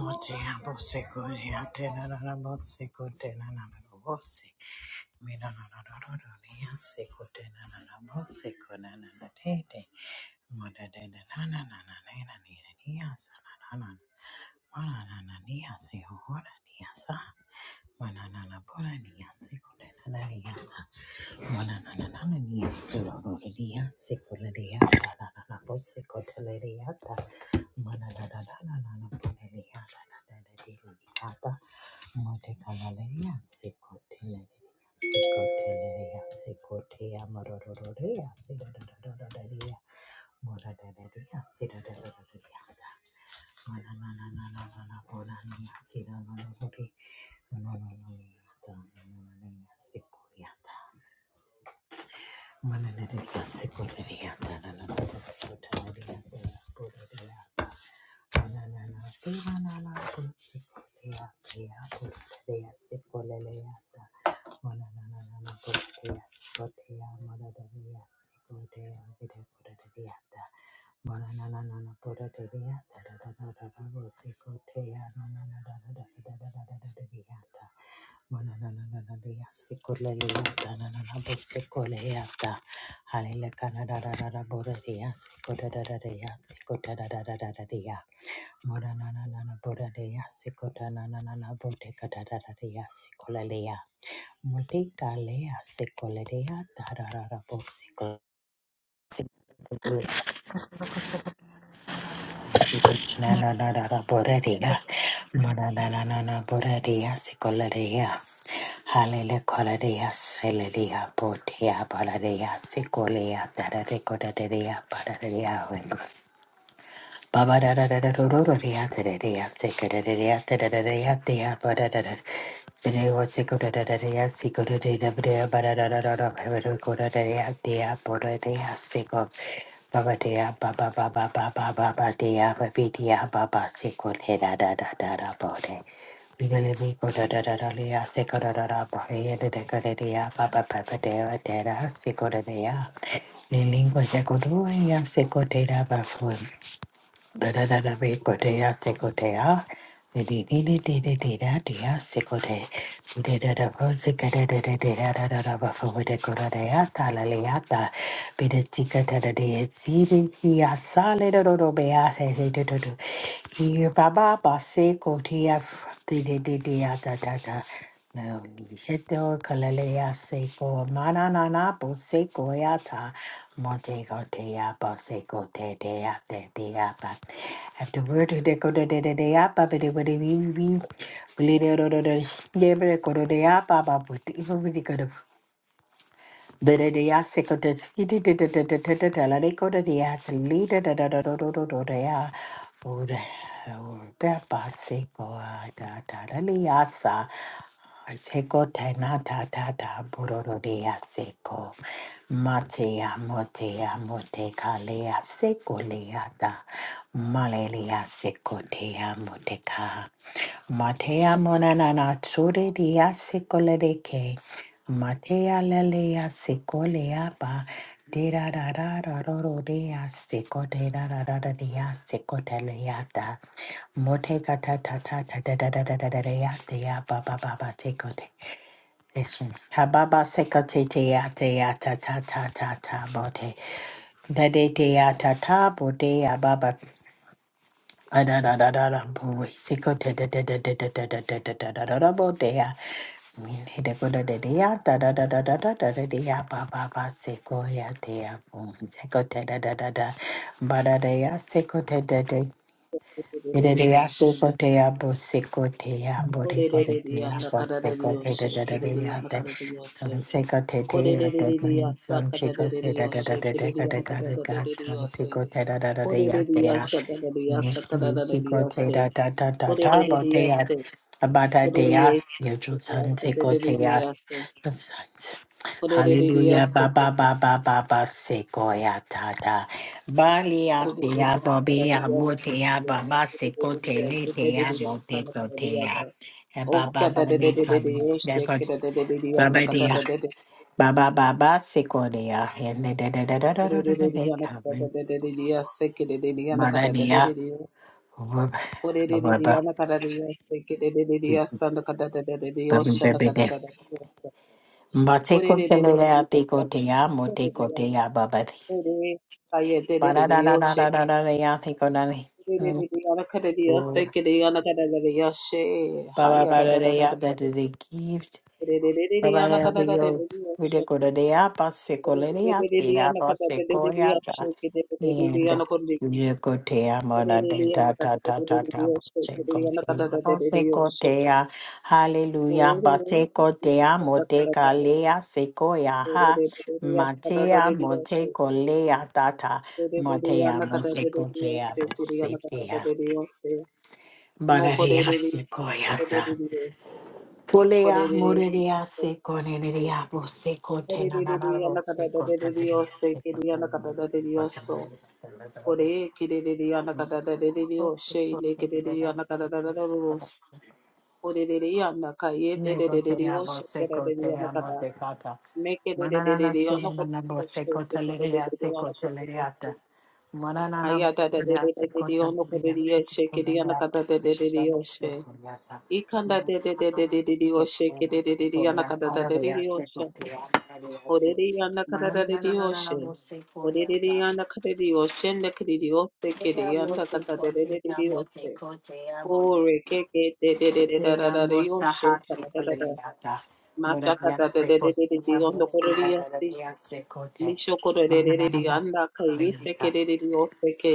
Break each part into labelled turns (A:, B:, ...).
A: Moti abo sekuri atena na na bo sekute na na na na bo se mina na na na na na ni ya sekute na na na bo sekuna na na te te mota te te na na na na na na ni na ni ya sa na na na mana na na ni ya se ho ho na ni ya sa Mananana pora niya sekula na niya. Mananana na na niya suroro niya sekula niya. ta na na na po sekula niya ta. Mananana na na na na na pora niya na na na na niya ta. Mote kala niya sekula niya. Sekula niya sekula niya mororo niya sekula niya. Mororo niya sekula niya ta. Mananeriya sikuririya tarana Hallelujah. Mora na na na na bora de ya sikota na na na na bote kada da da de ya sikola de mote kale sikola de da da da da bo siko na na na na na bora de mora na na na na bora de sikola de halele kola leya ya sele de ya bote ya bora de sikola ya da da de koda de bora de Baba da da da da do do do da da da da sicka da da da da da da da da ba da da da. Bide wa sicko da da da da sicko da da da bidea ba da da da da da ba da go da da da da ba da da sicko. Baba da ba ba ba ba ba ba ba ba da ba bi da ba ba sicko da da da da da da ba da Bibele mi go da da da da da sicko da da da ba da da da da da ba ba ba ba da da da sicko da da Lilingo sicko do dea sicko da da ba fun. Da-da-da-da-re-go-de-ya, se-go-de-ya. Di-di-di-di-di-di-di-da-di-ya, se-go-de. Di-da-da-da-bo-zika-da-da-da-da-da-da-da-da-ba-fa-wa-de-go-da-da-ya, ta-la-le-ya-ta. Bi-da-zika-da-da-di-ya-zi-di-hi-ya, sa-le-do-do-do-be-ya, da dea seco de. di ya zi da hi ya Ee-ba-ba-ba, se-go-de-ya, di-di-di-di-ya, da-da-da. No, Lijeto, Kalalea, Seco, Mananana, Boseco, Yata, Montego, Dea, Boseco, Te, Dea, Te, Dea, have the word they go to the day up, but they would be we bleed it or the never go to the up, but even we could have. But the ass second is fitted to the teleco to the ass and lead it at the air. Oh, the Peppa Seco, Tataraliasa. Seko tenata tata bororea seko matea motea mote kalea seko leata malelea seko tea moteka matea monanana tsure dia seko lereke Matea lelea secolea ba de da da da da ro ro dea seco de da da da da dea seco teleata motega ta ta ta ta da da da da da da dea dea ba ba ba ba seco de listen ha ba ba seco te tea tea ta ta ta ta ta bote da de dea ta ta bo dea ba ba Ah, da da da da da boy seco da da da da da da da da da da da da da Mire de coda de ya da da da da da da da da de ya ba ba ba seco ya te ya boom, seco te da da da da, ba da de ya dea, seco Yerereya
B: Kodedeyashin.
A: koteya bose koteya bore koteya
B: Kodedeyanda
A: bose kote da
B: kadadeyoshe.
A: da da da ya
B: Kedeyanda
A: te
B: kadadeyoshe.
A: son se kote te ya te kunin
B: Kodedeyasa
A: son se kote da da
B: kadadeyoshe.
A: da da da ka da
B: Kedeyanda
A: ka da ka son se
B: kadadeyoshe.
A: kote da da da da ya te ya
B: Kodedeyasha kadadeyasa
A: nesi se kote
B: kadadeyoshe.
A: da da da da da bote ya
B: Kodedeyase.
A: abata te ya
B: Kodedeyase.
A: ya ju son
B: Kodedeyasa
A: se kote ya
B: kadadeyase.
A: Hallelujah,
B: Kodedeyase.
A: ba ba ba ba ba ba sequoia ta Balia tia
B: Kodedeyasa
A: bobia
B: kadadeyase.
A: botia ba ba secote litia
B: Kodedeyasa
A: boticotea.
B: kadadeyasa.
A: Ba ba
B: Oka da
A: ba
B: de de de de de
A: bacon.
B: oshte
A: Therefore,
B: ke da de de de da anda
A: Baba
B: de
A: dia.
B: de de.
A: Baba, Baba, ba ba sequoia. And da da da da da
B: da
A: da
B: de
A: da da da
B: de de.
A: da
B: da da
A: coming.
B: de de. da
A: Mala
B: da de
A: dia. Baba.
B: da da de. ke da da de. anda de de da da de de ore da de da anda ka
A: Baby
B: de
A: baby
B: de
A: de.
B: asse ke da de de. da de anda ka da de de de. da oshte de de. da da de da ore
A: Mateco
B: de. da da da da asse ke
A: telea ticotea
B: da da da
A: moticotea baba.
B: ore aye de de
A: Ba
B: de.
A: da da
B: da
A: da da da
B: oshte
A: da da da
B: ore da
A: da
B: da da anda ka da da asse
A: Baba
B: ke da anda ka da da da
A: Baba,
B: da da da
A: de
B: da
A: ya that is a gift.
B: ore da da da
A: Baba
B: anda
A: ya
B: ka da da da
A: biyo
B: da
A: vide
B: oshte
A: kora de ya passe
B: Mokorerere, korerere,
A: kole de ya te
B: korerere,
A: ya passe kore ya ta. And vide kote ya mona de ta ta ta ta ta passe kote ya passe Hallelujah. Passe kote ya mote kale ya se ko ya ha. Mate ya mote kole ya ta ta. Mate ya mote kote ya passe te ya. Bara de Polea morelia se conelia se contenana se contenelia
B: anakadadadadadadioso,
A: se
B: kiri anakadadadadadioso. Ore kiriri yana kada da de de o şey le kiriri
A: contenelia
B: yana da da da rus. Ore de de yana kaye de
A: Nego
B: de de
A: se
B: de o
A: llama
B: şey de
A: seco
B: de
A: te
B: yana
A: amo
B: kada.
A: te cata.
B: Me kere de de
A: Manana
B: de
A: se
B: yana kada
A: llama bo
B: o she
A: seco
B: de de de
A: telerea
B: de
A: seco
B: yana kada da she
A: telereata. Manana
B: Hayata da de
A: borea
B: de de
A: seco
B: didi anakada
A: telerea
B: ye
A: seco
B: she kedi
A: telereata.
B: anakada de yana kada diye şey kere yana de de de
A: Chamo
B: o şey.
A: seco reata.
B: İkanda de de de
A: Manana
B: de de de o
A: seco
B: şey
A: te amo
B: kere de de de yana da de de
A: reata.
B: de o şey. Orereyanda
A: Manana
B: kadarereriyoshe.
A: bo seco reata.
B: Orereyanda kadareriyoshe ndekereriyose
A: Te amo
B: kereyanda
A: te cote amo
B: kadarereriyose.
A: te cote amo
B: Ore keke
A: Yeah, Mosa
B: dededererarariyoshe
A: Hatsi
B: kadarerara.
A: Oleata,
B: Masha
A: Murabian Seko,
B: kadarereriyonde koreriyasi.
A: Murabian Seko,
B: Misho korereriyanda kayise
A: Murabian
B: kereriyose ke.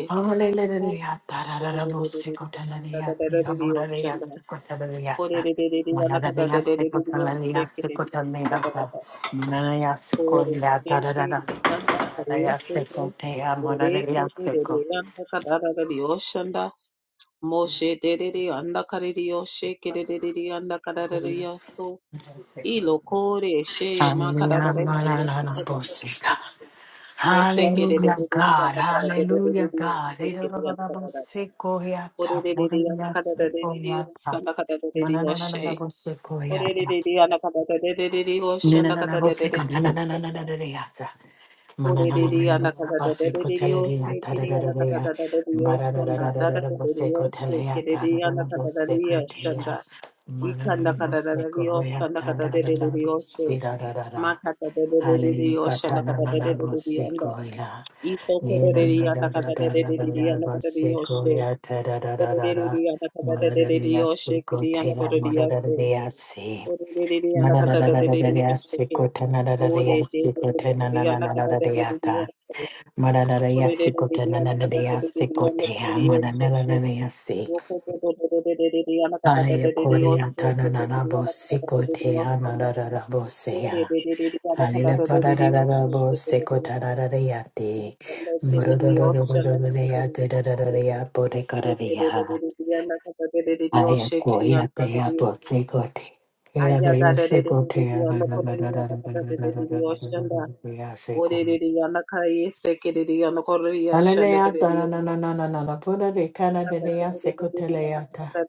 B: Ore
A: Hallelujah, Tararabo Seko Talaria,
B: kadarereyoshe
A: Murabian
B: nda.
A: Seko Talaria,
B: Orereyanda
A: Murabian Seko
B: kadarereriyoshe
A: Talaria, Seko
B: kereriyanda
A: Talaria,
B: kadarerara.
A: Murabian
B: Ore
A: Seko La Tararada,
B: Kanda
A: Murabian
B: Karekete
A: Seko Tea, Murabian
B: Orekete Dede
A: Seko.
B: Yanda Kadara Yoshanda Moshe Dedede Yanda Kariri Yoshe Kedede Yanda Kadara Yoso Ilo Kore She
A: Hallelujah,
B: Makadara Yanda
A: Murabian
B: Kadara
A: Seko.
B: Mese Kedede
A: Hallelujah, God.
B: Yanda Kadara
A: Hallelujah, God.
B: Yoshe
A: Hey, da, da,
B: Kedede
A: da,
B: Yanda
A: da, bo,
B: Kadara
A: se, ko, ya, ta. Bo, da,
B: Oredede
A: da,
B: Yanda
A: da, se,
B: Kadara
A: ko, ya, ta.
B: Yosanda Kadara
A: Na, na, na, na, na, na,
B: Yoshe
A: bo, se, ko, ya, ta.
B: Oredede Yanda Kadara Yoshe
A: Na, na,
B: Yanda
A: na, na, bo,
B: Kadara
A: se, ko, na, na, na, na, na, na, da,
B: Yoshe
A: da, ya, ta.
B: これでりやなかだだだれりをしてけりやなかだだだれりをしたんだ。だだだれりをしてけれりやなかだだれりをしたんだ。いかんだかだだれりをしたんだかだれりをして。まかだだれれりをしたんだかだれれりやんだ。いところれりやなかだれれりやなかだれりをして。これれりやなかだれれりをしてけりやなかだれりやして。これれりやなかだれれりをしてけ。おれでれれりやなかだれれりをして。
A: Ma, na, na, na, na, na, na, bo, se, ko, ta, ya, ya, ta, da, da, da, da, ya. Ba, da, da, da, da, da, da, da, bo, se, ko, ta, ya, ta. Da, da, da, bo, se, ko, ta, ya. Ma, na, na, na, bo, se, ko, ya, ta. Da, da, da, bo, se, da, da, da, da. Hallelujah, ta, na, na, na, bo, se, ko, ya. Hallelujah.
B: Ore
A: Halila kada da da da bo seko da da da da ya te. Muro do do do bo do do da ya te da da da da ya bo de kada da ya. Aya ko ya te ya bo seko te. Era da ya seko te ya na na na na na na na na na na na na na na na ya seko.
B: the Yanaka is a kiddy on the Korea
A: Halila ya ta
B: Shanakadia.
A: na na na na na na na bo da de kada da da ya seko te le ya
B: Thank
A: ta.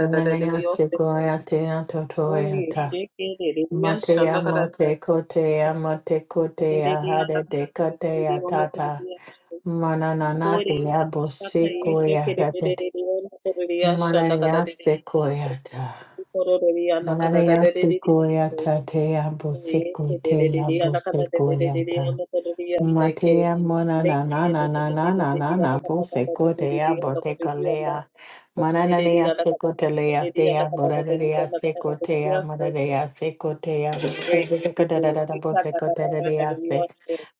A: Halila ya
B: you.
A: seko ya te ya to to ya ta. Mate ya mote kote ya mote kote ya hade de kote ya tata. Mananana diabo sequoia rabbit. Manaya sequoia ta. Manaya sequoia ta teabo sequoia teabo sequoia Matea mona na na na na na na na na po seco dea botecolea.
B: Dios
A: Mananea seco telea dea boradea seco tea moradea seco tea botecolea boseco telea se.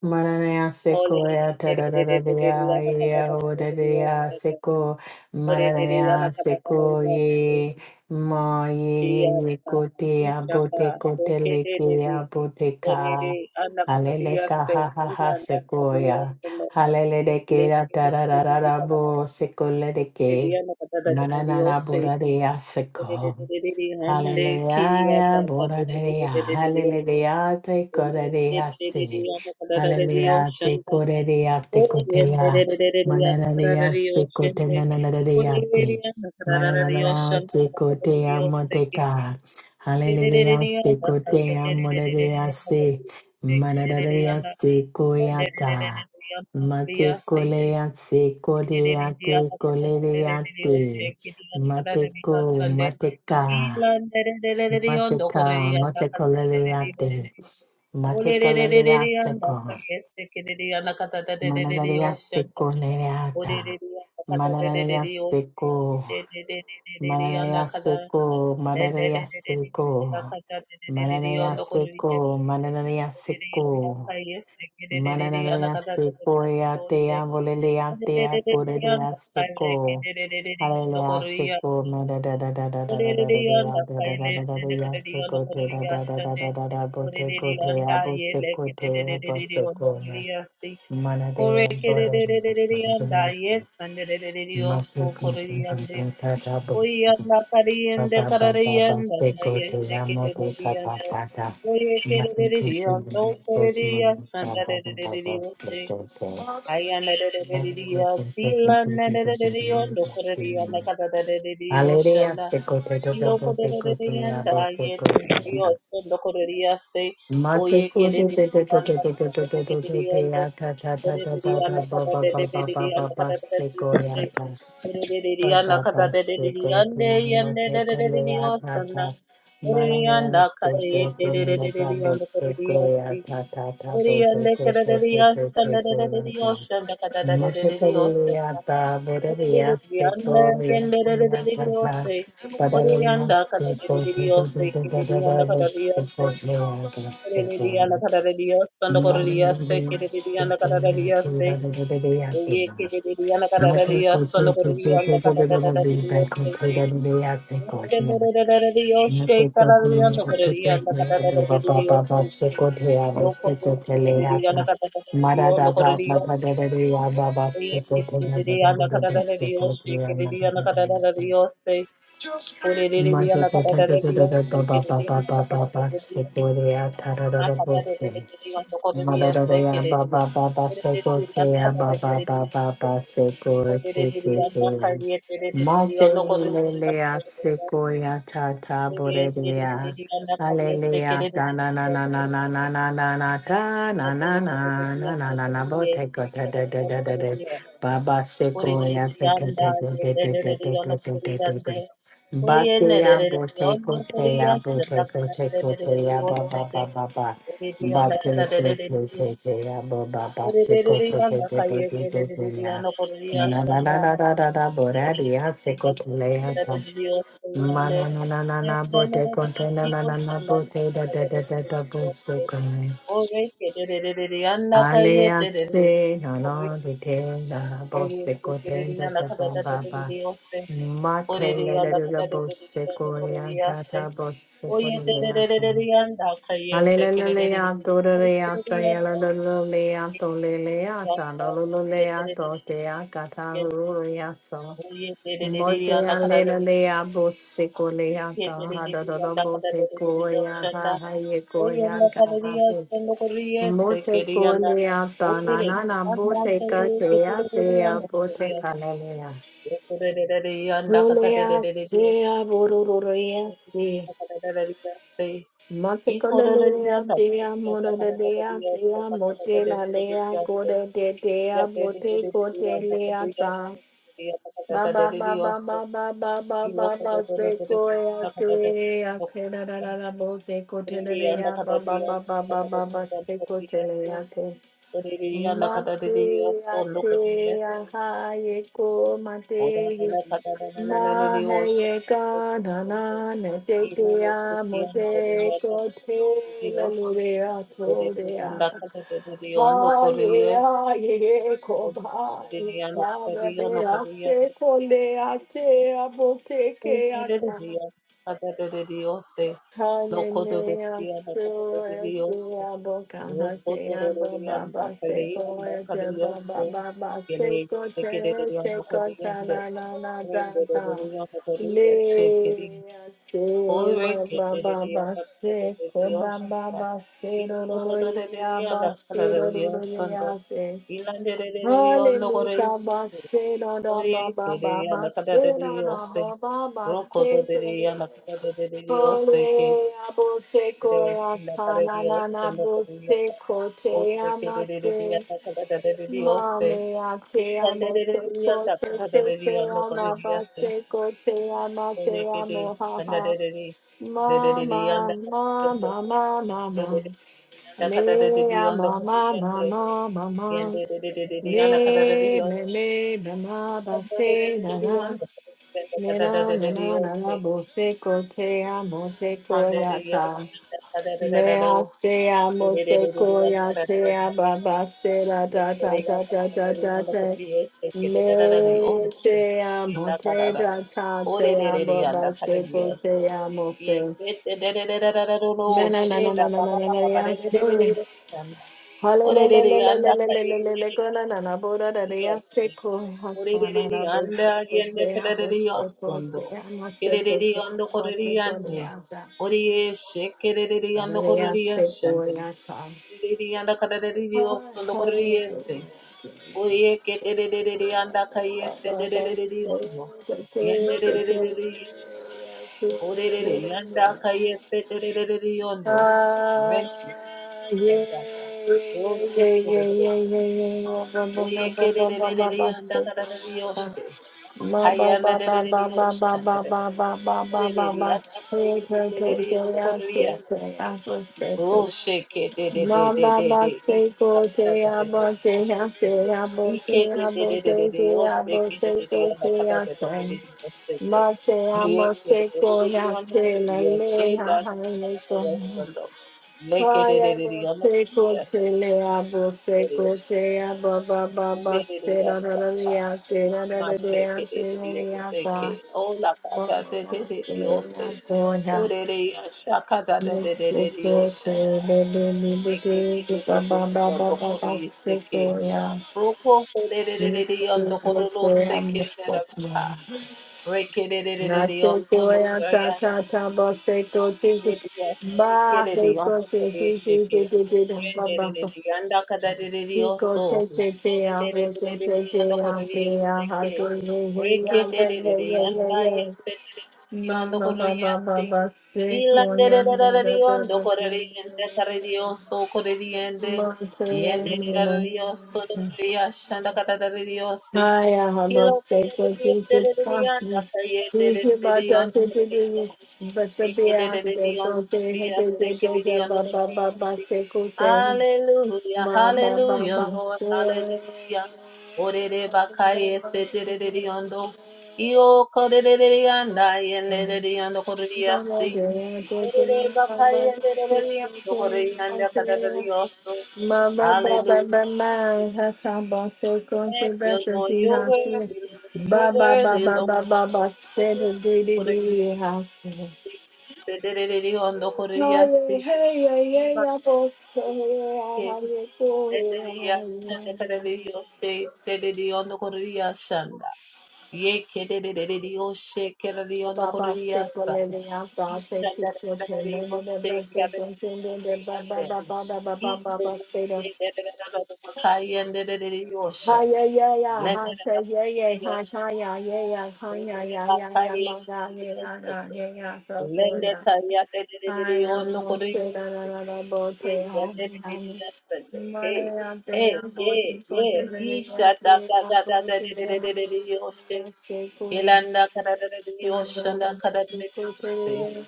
A: Mananea seco ea tadadadea ea oradea seco. Mananea seco ye. Ma ye ye ye cotea botecotelea boteca. Haleleka ha ha ha sequoia. Haleleke da da da da da da bo sequoia de ke. Na na na na bura de ya
B: Hande kiriya
A: Hallelujah,
B: tata
A: Boraria, Hallelujah, te coreria, si. si.
B: yo
A: Hallelujah, te
B: shanda
A: coreria, te
B: ore
A: cotea.
B: yendererereriya
A: Manararia,
B: kararariyo
A: si
B: shende ore
A: cotenanaria, ti.
B: yeriya kararariyo
A: Manararia,
B: shanda
A: te cotea,
B: kararariyo seke
A: moteca. Hallelujah,
B: derereriya
A: si
B: nakaye
A: cotea, moraria,
B: derereriya
A: si.
B: nakateke dereriya
A: Manararia, si coyata.
B: nakaderereriya nakariya
A: Mate
B: seke
A: colea, si corea,
B: dereriya
A: te coleria,
B: nakaderereriya
A: ti.
B: seke dereriya kararariya
A: Mateco,
B: sande Yes,
A: mateca. Mateka, matekoleleate, matekoleleaseko, manaleaseko leata, manaleaseko, manaleaseko, manaleaseko, manaleaseko, manaleaseko, Mananaya sequoia tea volelea tea corelea seco. Hallelujah seco mada da da da da da da da da
B: Orereyanda
A: da da da da da da da
B: kailende
A: ya
B: kederiyanda
A: seco te da da da da
B: koreriyashande
A: da da da boteco te
B: orereyanda
A: abo
B: yele
A: seco te abo
B: kederiyanda
A: seco ya.
B: koreriyasti
A: Mana
B: kore
A: de bora de
B: kederiyanda
A: masu.
B: yesande
A: Masu
B: kederiyosho koreriyande
A: kuntu ta ta ta bo.
B: oyanda kariyende
A: Hallelujah,
B: karariyanda
A: sekote
B: kayeste kederiyanda oye kederiyanda koreriyashande kederiyoshe ayanda kederiyasti landa kederiyanda koreriyanda kederiyoshe
A: to to
B: Loco
A: to
B: de
A: te
B: de de de
A: kote ya
B: anda
A: bo
B: ye
A: sekote ya.
B: Dios son loco de día se
A: Mate
B: oye que
A: kote
B: de de
A: te te
B: de
A: to
B: anda
A: to to to to
B: para de de
A: to to
B: de de
A: to
B: de
A: ya
B: anda
A: ta ta ta
B: de
A: ta
B: de
A: ta
B: de
A: ta
B: anda
A: ba
B: para
A: ba ba
B: de de de
A: ba ba ba ba sekoya
B: de de anda para de de de de de de de de anda para de de de de ande y ande de de de de de osana de de de de de de de de anda para de así de ande que de de de asana de de de de de de de de Oye,
A: Mana Mother,
B: Ore re re re anda kata re re re se ke re re anda kata re re re ma kata re re re re anda kore re se ke
A: Madadaya
B: re
A: Baba Baba
B: ore re re re anda
A: Sekotea
B: kata re
A: Baba
B: re re
A: Baba
B: se ore re re re anda
A: Sekotea
B: kariye re re re re anda kore re se
A: Matelelea Sekoya Tata
B: re re
A: Borelia
B: re anda kariye se ke re
A: Alleluia
B: re
A: da
B: re
A: na
B: re
A: na na
B: anda
A: na na na na na na da na na na na na na na boteko da da da da da da
B: kore
A: Baba
B: Ore re
A: Sekoya
B: re
A: te te
B: anda
A: te
B: ye
A: te
B: re
A: te
B: re
A: te te
B: re
A: te te
B: anda kore re
A: te te te
B: anda
A: te
B: Oye, ne, re,
A: Batea
B: re, re, re, on, ne,
A: Boteko
B: re,
A: Tea
B: re, re, re, re,
A: Boteko Teko
B: re, re, re, re,
A: Tea
B: re,
A: Baba
B: re,
A: Baba Baba
B: Oririanda
A: Mate
B: kada
A: le
B: derereriyo. Orerereriyanda kaye dererereriyanda koreriyashkanda. Orerereriyanda kada derereriyo. Oreriyande. Dererereriyanda shanda kada derereriyo. Oreke dererereriyanda kaye derereriyo. Oriyeshe derereriyanda kada derereriyo.
A: le
B: Oreriyanda
A: le le
B: kada de
A: bo
B: de de de.
A: se
B: ano derereriyanda
A: ko ya ta
B: koreriyashte.
A: ta bo se ko
B: Oye
A: le ya ta.
B: dererereriyanda kaye derereriyo.
A: Alelelea, Dorelea, Sayalelea, Tolelea,
B: Dios,
A: Tadolulea, Totea, Catahuria, So. Motea, Lelea, Bosicolea, Tahadodobo, Tecoia, Hahayecoia, Cahafu. Motecolea, Tanana, Boteca, Tea, Tea, Boteca, Lelea. Rolea, Sea, Borurea, Matekolelea, dea, morodea, dea, mochela, lea, goda, de, dea, bote, cote, lea, ta. Ba, ba, ba, ba, ba, ba, ba, ba,
B: Yes.
A: ba, ba, se, coia, dea, te, da, da, da, da, bo, se, cote, da, dea, ba, ba, ba, ba, ba, ba, ba, se, cote, lea, te. Mate, a, te, a, ha, ye, Mahaye ganana ne sekeya mote kote lalurea torea. Haye aye kobaye kabebea se kolea te abote
B: Ilande
A: keata. Hallelujah, Surah Diabo Kahatea Baba Baseko Ete Baba Baba Seko Te Seko Tanana Data Lea Sema Baba Baseko Baba Basero Roya Basero Roya Se Hallelujah Basero Baba
B: Oriye kerere
A: Baba
B: ana kada dediri ose.
A: Basero Baba
B: Roko dediri ana
A: Baseko
B: kada dediri ose ke.
A: Ole abose
B: Kerere ana
A: koyata
B: kareri
A: na na
B: ose
A: na
B: ana kareri
A: bose
B: ana.
A: kote
B: Oriye kerere dediri
A: amase.
B: ana kada dediri ose.
A: Mame ate
B: Ikande
A: amote
B: dediri ana
A: kote
B: kada
A: te
B: dediri
A: ko
B: ana kareri ose.
A: te amabase
B: Oriye kerere
A: kote ha
B: ana
A: ha.
B: dediri. Dediri ana
A: Mama,
B: kada dediri.
A: mama, mama, mama.
B: Ana kada
A: Me
B: dediri ana
A: ama,
B: kareri
A: mama,
B: ande.
A: mama,
B: Yende
A: mama.
B: dediri ana kada
A: Me,
B: dediri ose.
A: me, me, mama,
B: Yende
A: base na
B: dediri
A: na.
B: ana
A: Me
B: kada
A: na na
B: dediri
A: na na
B: ose.
A: na bose ko ya
B: Hallelujah.
A: ta. Me a se amo se koya se ababa se la da da da da da da da. Me se amo se da ta se ababa se ko se amo se. na na na na na na na na ya se. Halelelelelelelelelele ko na na na bo da da da ya
B: Yes.
A: se ko ha ta na
B: Orereri
A: na bo
B: anda
A: se ko
B: yende
A: se amo
B: kereri
A: se ko
B: yosondo.
A: se amo se ko
B: Kereri
A: se
B: yondo
A: amo
B: koreri
A: se ko da
B: yande.
A: ya da.
B: Oriye shekereri
A: Da da
B: yondo
A: da ya
B: koreri
A: se ko
B: yashande.
A: ya ta.
B: Orereri yanda kereri yosondo koreri yese. Oye ketereri yanda kayese tereri yondo. Yendereri orereri yanda kayese tereri yondo. Rentada. Oye kereri. Oye kereri yanda kereri yoshe. Hayana de de de de Hallelujah. I praise you. Hallelujah. Hallelujah. Oh, shake it. De, de, de,
A: Ma
B: de,
A: ba
B: de,
A: ba
B: de. Ee,
A: se
B: da,
A: ko
B: da,
A: te
B: da, da, de,
A: abo
B: de,
A: se
B: oh,
A: ha
B: shake it.
A: te abo
B: Ee, ke,
A: te
B: de, de,
A: abo
B: de, de, de,
A: te
B: de.
A: te
B: Oh, shake
A: abo
B: it. De,
A: se
B: de, de,
A: ko
B: oh, da,
A: te
B: da,
A: a
B: da, da, de,
A: te.
B: de, de, oh, shake it.
A: Ma te
B: Re,
A: amo
B: ke, de, de,
A: se
B: de,
A: ko
B: de, de,
A: ha
B: oh,
A: te la
B: hallelujah.
A: le
B: She, la,
A: ha ha
B: la,
A: le
B: la,
A: ko.
B: la, la, la, la. Le, ke,
A: Ha
B: de, de,
A: ya
B: de, de,
A: bo
B: oh,
A: se ko
B: hallelujah.
A: te
B: See.
A: le abo se ko
B: Hallelujah.
A: te abo ba ba ba se
B: Hallelujah.
A: ra ra
B: Da,
A: ra
B: da.
A: le a te ra ra
B: Ma,
A: ra le
B: shake
A: a
B: it. De,
A: te
B: de,
A: ra
B: de, oh,
A: le a
B: shake
A: ba.
B: it. Oh, la, da,
A: Ma
B: da, de,
A: ya
B: de, de, de, oh,
A: te
B: shake
A: a
B: it.
A: ko ha
B: Orere ashaka da da da
A: Yes,
B: da
A: so
B: da da
A: good, so
B: oshanda.
A: good, so
B: Leke
A: good,
B: de
A: so
B: de de
A: ba-
B: de
A: ba-
B: de
A: ba-
B: yondo
A: ba- ba-
B: koro
A: ba- so good,
B: yeseke.
A: yeah.
B: Roko kore de de de
A: Yes,
B: de
A: so
B: yondo
A: good,
B: koro lo
A: so good, I'm
B: seke
A: the
B: de de
A: first
B: rabaka.
A: one.
B: Reke de de de de
A: Not
B: de
A: so
B: yosono
A: good, yeah,
B: koro
A: ta-
B: yase
A: ta- ta, but so good, so
B: de
A: good.
B: de yaseke
A: Ba,
B: de
A: so
B: de
A: good,
B: yondo
A: so good,
B: koro
A: so good, so
B: yeseke.
A: good, so good, ba-
B: Rende de
A: ba-
B: de
A: ba.
B: de yanda kada de de de
A: So good,
B: yoso.
A: so good, so
B: Yende
A: good, yeah,
B: de de
A: so
B: de
A: good,
B: de
A: so
B: de yondo
A: good, yeah,
B: koro
A: so
B: yeseke.
A: good,
B: Reke de de de de yanda
A: yeah,
B: yese
A: I
B: de de de yondo
A: Mama,
B: koro
A: mama,
B: yaseke.
A: mama, sick on ya, da da da
B: Ilandererarariondo
A: da. da.
B: koreriende karirioso koreriende iendererararioso doriashanda katatarariosi
A: Haya hamaseko kiti kahi
B: ilokoreriendererarianda
A: kiti bata
B: kariendererariondo
A: tete tete
B: koreriende
A: bata beyaz teko
B: ekererarariondo
A: tehe tete
B: koreriase
A: tete
B: kereriondo
A: ba ba ba ba
B: koreriase
A: seko tehe
B: Hallelujah,
A: ma ba ba
B: hallelujah,
A: ba
B: Lord,
A: se
B: hallelujah. Orere bakaye setererariondo Io correrei andai e Orere bakaya nderere yokore yanda kadadari yoso.
A: Mama baba
B: Hallelujah.
A: mama hata bose
B: Thank
A: konte
B: you,
A: bete
B: Lord.
A: di
B: You're
A: hati
B: worthy, Lord. You're
A: baba
B: worthy,
A: baba
B: Lord.
A: baba bose de di di
B: Kore
A: di ha
B: nderere yondo kore yasi.
A: haye hey hey hey
B: Ima
A: ya bose
B: ke
A: haye ko he
B: nderere yasa kadadari yose. Nderere yondo kore yashanda. Yeke nderere yose kadadari yondo kore
A: baba se
B: yasa.
A: kole de ya ba se si,
B: Ishanda
A: se se ne ne ne ne se konte de baba baba baba
B: Hey,
A: baba
B: hey,
A: baba
B: yeah, yeah,
A: Hi yeah yeah yeah hi say yeah yeah hi hi yeah yeah yeah hi yeah yeah yeah yeah banga yeah yeah yeah yeah yeah so cool yeah I am all set da da da da both pay home home Malaya pay home both in short and very
B: Isha "Da
A: happy
B: da
A: home
B: da da da
A: both in
B: da
A: the
B: da da
A: home
B: da Yoshe,
A: yeah stay cool
B: Kilanda kada da da
A: stay
B: Yoshe da
A: very
B: kada
A: stay
B: da
A: cool
B: da
A: pay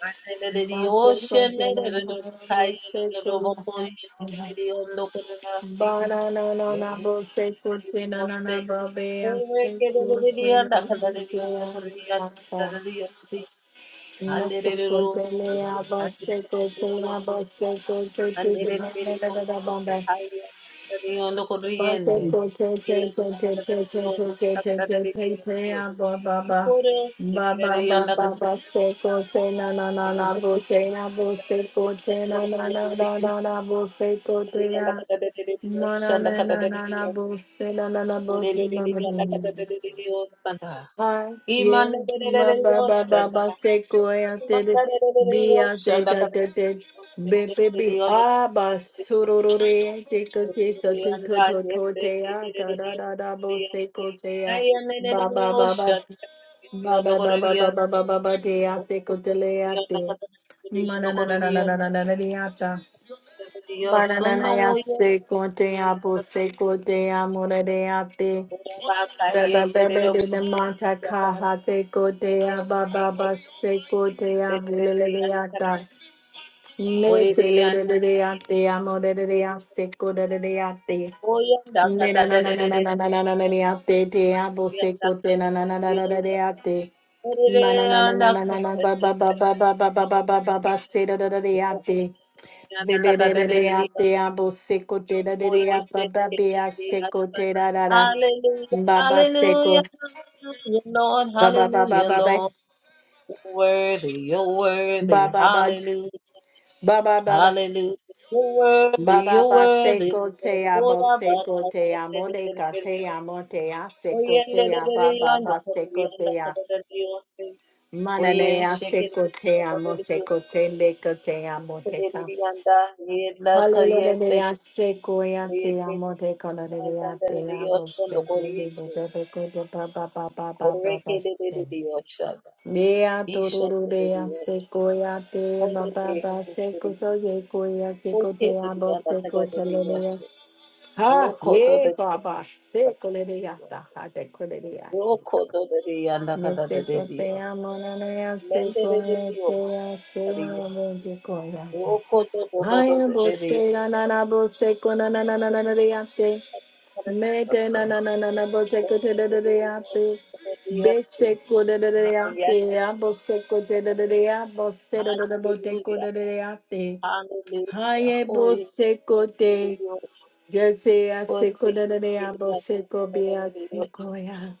B: Ande da da
A: Master
B: Yoshe ne da
A: Consulana
B: da Kaya
A: Bose
B: da da Roboko
A: Kurumaya
B: da da Ocean,
A: Ba ba ba ba ba ba
B: Dios,
A: ba na na na bo be aste kurte na, kurte na asta na kurte le ya bo se kurte na bo se kurte tu tu na Na na na bo be bo se kurte te te te te te te te te te te te ya bo ba ba ba ba ba ba ba se kurte na na na na bo se na bo se kurte na na na na na na ya, ya, se se se le ya. Mananana nanabose la la la baba baba I
B: Ora
A: ye baba baba baba se ko ya te bi ya te da da da bbb ba ba sururure te ko te sothothothaya da da da bose ko se ya baba baba baba baba baba baba te se ko te le ya mananana nananana le ya ta. Maranaya se kote apo se kote amore de ate.
B: baka
A: Baba
B: yeterere
A: bebe de de mata kaha te kote ababa ba se kote abulele de ata. Me te le de de de ate amore de de ase kote de de ate. Me na na na na na na na na na na de ate te apo se kote na na na na na na ba ba ba ba ba ba ba ba ba ba se da da da de ate. Baba seko te da de baba be a te da da da
B: Hallelujah, hallelujah,
A: baba seko
B: hallelujah, Lord,
A: baba baba
B: hallelujah,
A: baba
B: Lord. You're worthy, you're worthy,
A: baba baba
B: hallelujah,
A: baba baba
B: Hallelujah. You're worthy,
A: baba
B: you're
A: baba
B: worthy.
A: seko
B: Lord.
A: te
B: Lord,
A: amo
B: I bow
A: seko te
B: down
A: amo de
B: to
A: ka te
B: you.
A: amo te a
B: Oh,
A: seko
B: yeah, da, da,
A: te a
B: da, da,
A: baba
B: yeah,
A: baba
B: no, oh, yeah,
A: seko
B: da,
A: te
B: da,
A: a
B: da, da, da, yeah, Oh,
A: mana
B: yeah,
A: ne a
B: shake it.
A: seko te
B: da, da,
A: amo
B: da, da, yeah,
A: seko te le ko te amo
B: Oh, yeah,
A: Te
B: da, da, yeah, da, yeah, la, ka, yeah, say,
A: Hallelujah,
B: da, da,
A: se
B: da, yeah,
A: coyante amo de
B: Ba, da,
A: colorea
B: da, da,
A: te
B: da, yeah,
A: amo
B: so,
A: se
B: no, go, yeah,
A: vive de
B: say.
A: bebe codo pa pa pa pa pa pa
B: Correct da, da, da,
A: se.
B: da, yeah, shada.
A: Mea
B: Isha,
A: toruru
B: da, da, da,
A: dea
B: yeah,
A: se coyante
B: Oh, yeah,
A: ma
B: da,
A: pa pa
B: da, da,
A: se
B: da,
A: coto ye coya se
B: yeah, okay,
A: cote
B: da,
A: amo
B: da, da,
A: se
B: da, da,
A: cote
B: da, yeah,
A: Ha
B: Roco todo
A: ye
B: de
A: papa
B: Dios,
A: se
B: Cantata de
A: colerea
B: Dios.
A: ta ha de colerea se.
B: Roco todo de Dios, anda
A: Me se
B: cantate de
A: cote
B: Dios.
A: amo na na se
B: Mendere de
A: coye
B: Dios,
A: se
B: Cantata
A: se
B: de Dios.
A: amo de coyante.
B: Roco todo todo
A: Aya
B: de Dios,
A: bose na na na bose ko na na na na na na
B: Cantata
A: de yape.
B: de
A: Mete
B: Dios.
A: na na na na na bose ko te
B: Mendere
A: de de de
B: de Dios,
A: yape.
B: Cantata de Dios.
A: Bese ko de de de
B: Mayande
A: yape.
B: de
A: Ya
B: Dios.
A: bose ko te de de de ya bose de de de bote ko
B: Hallelujah,
A: de de de yape. Haye
B: hallelujah. Hoy,
A: bose ko
B: Mendere de
A: te.
B: Dios.
A: Jese ya
B: Hoy,
A: se ko de de de
B: Mendere de
A: ya
B: Dios.
A: bose ko
B: Cantata
A: be ya
B: de
A: se
B: Dios.
A: ko ya.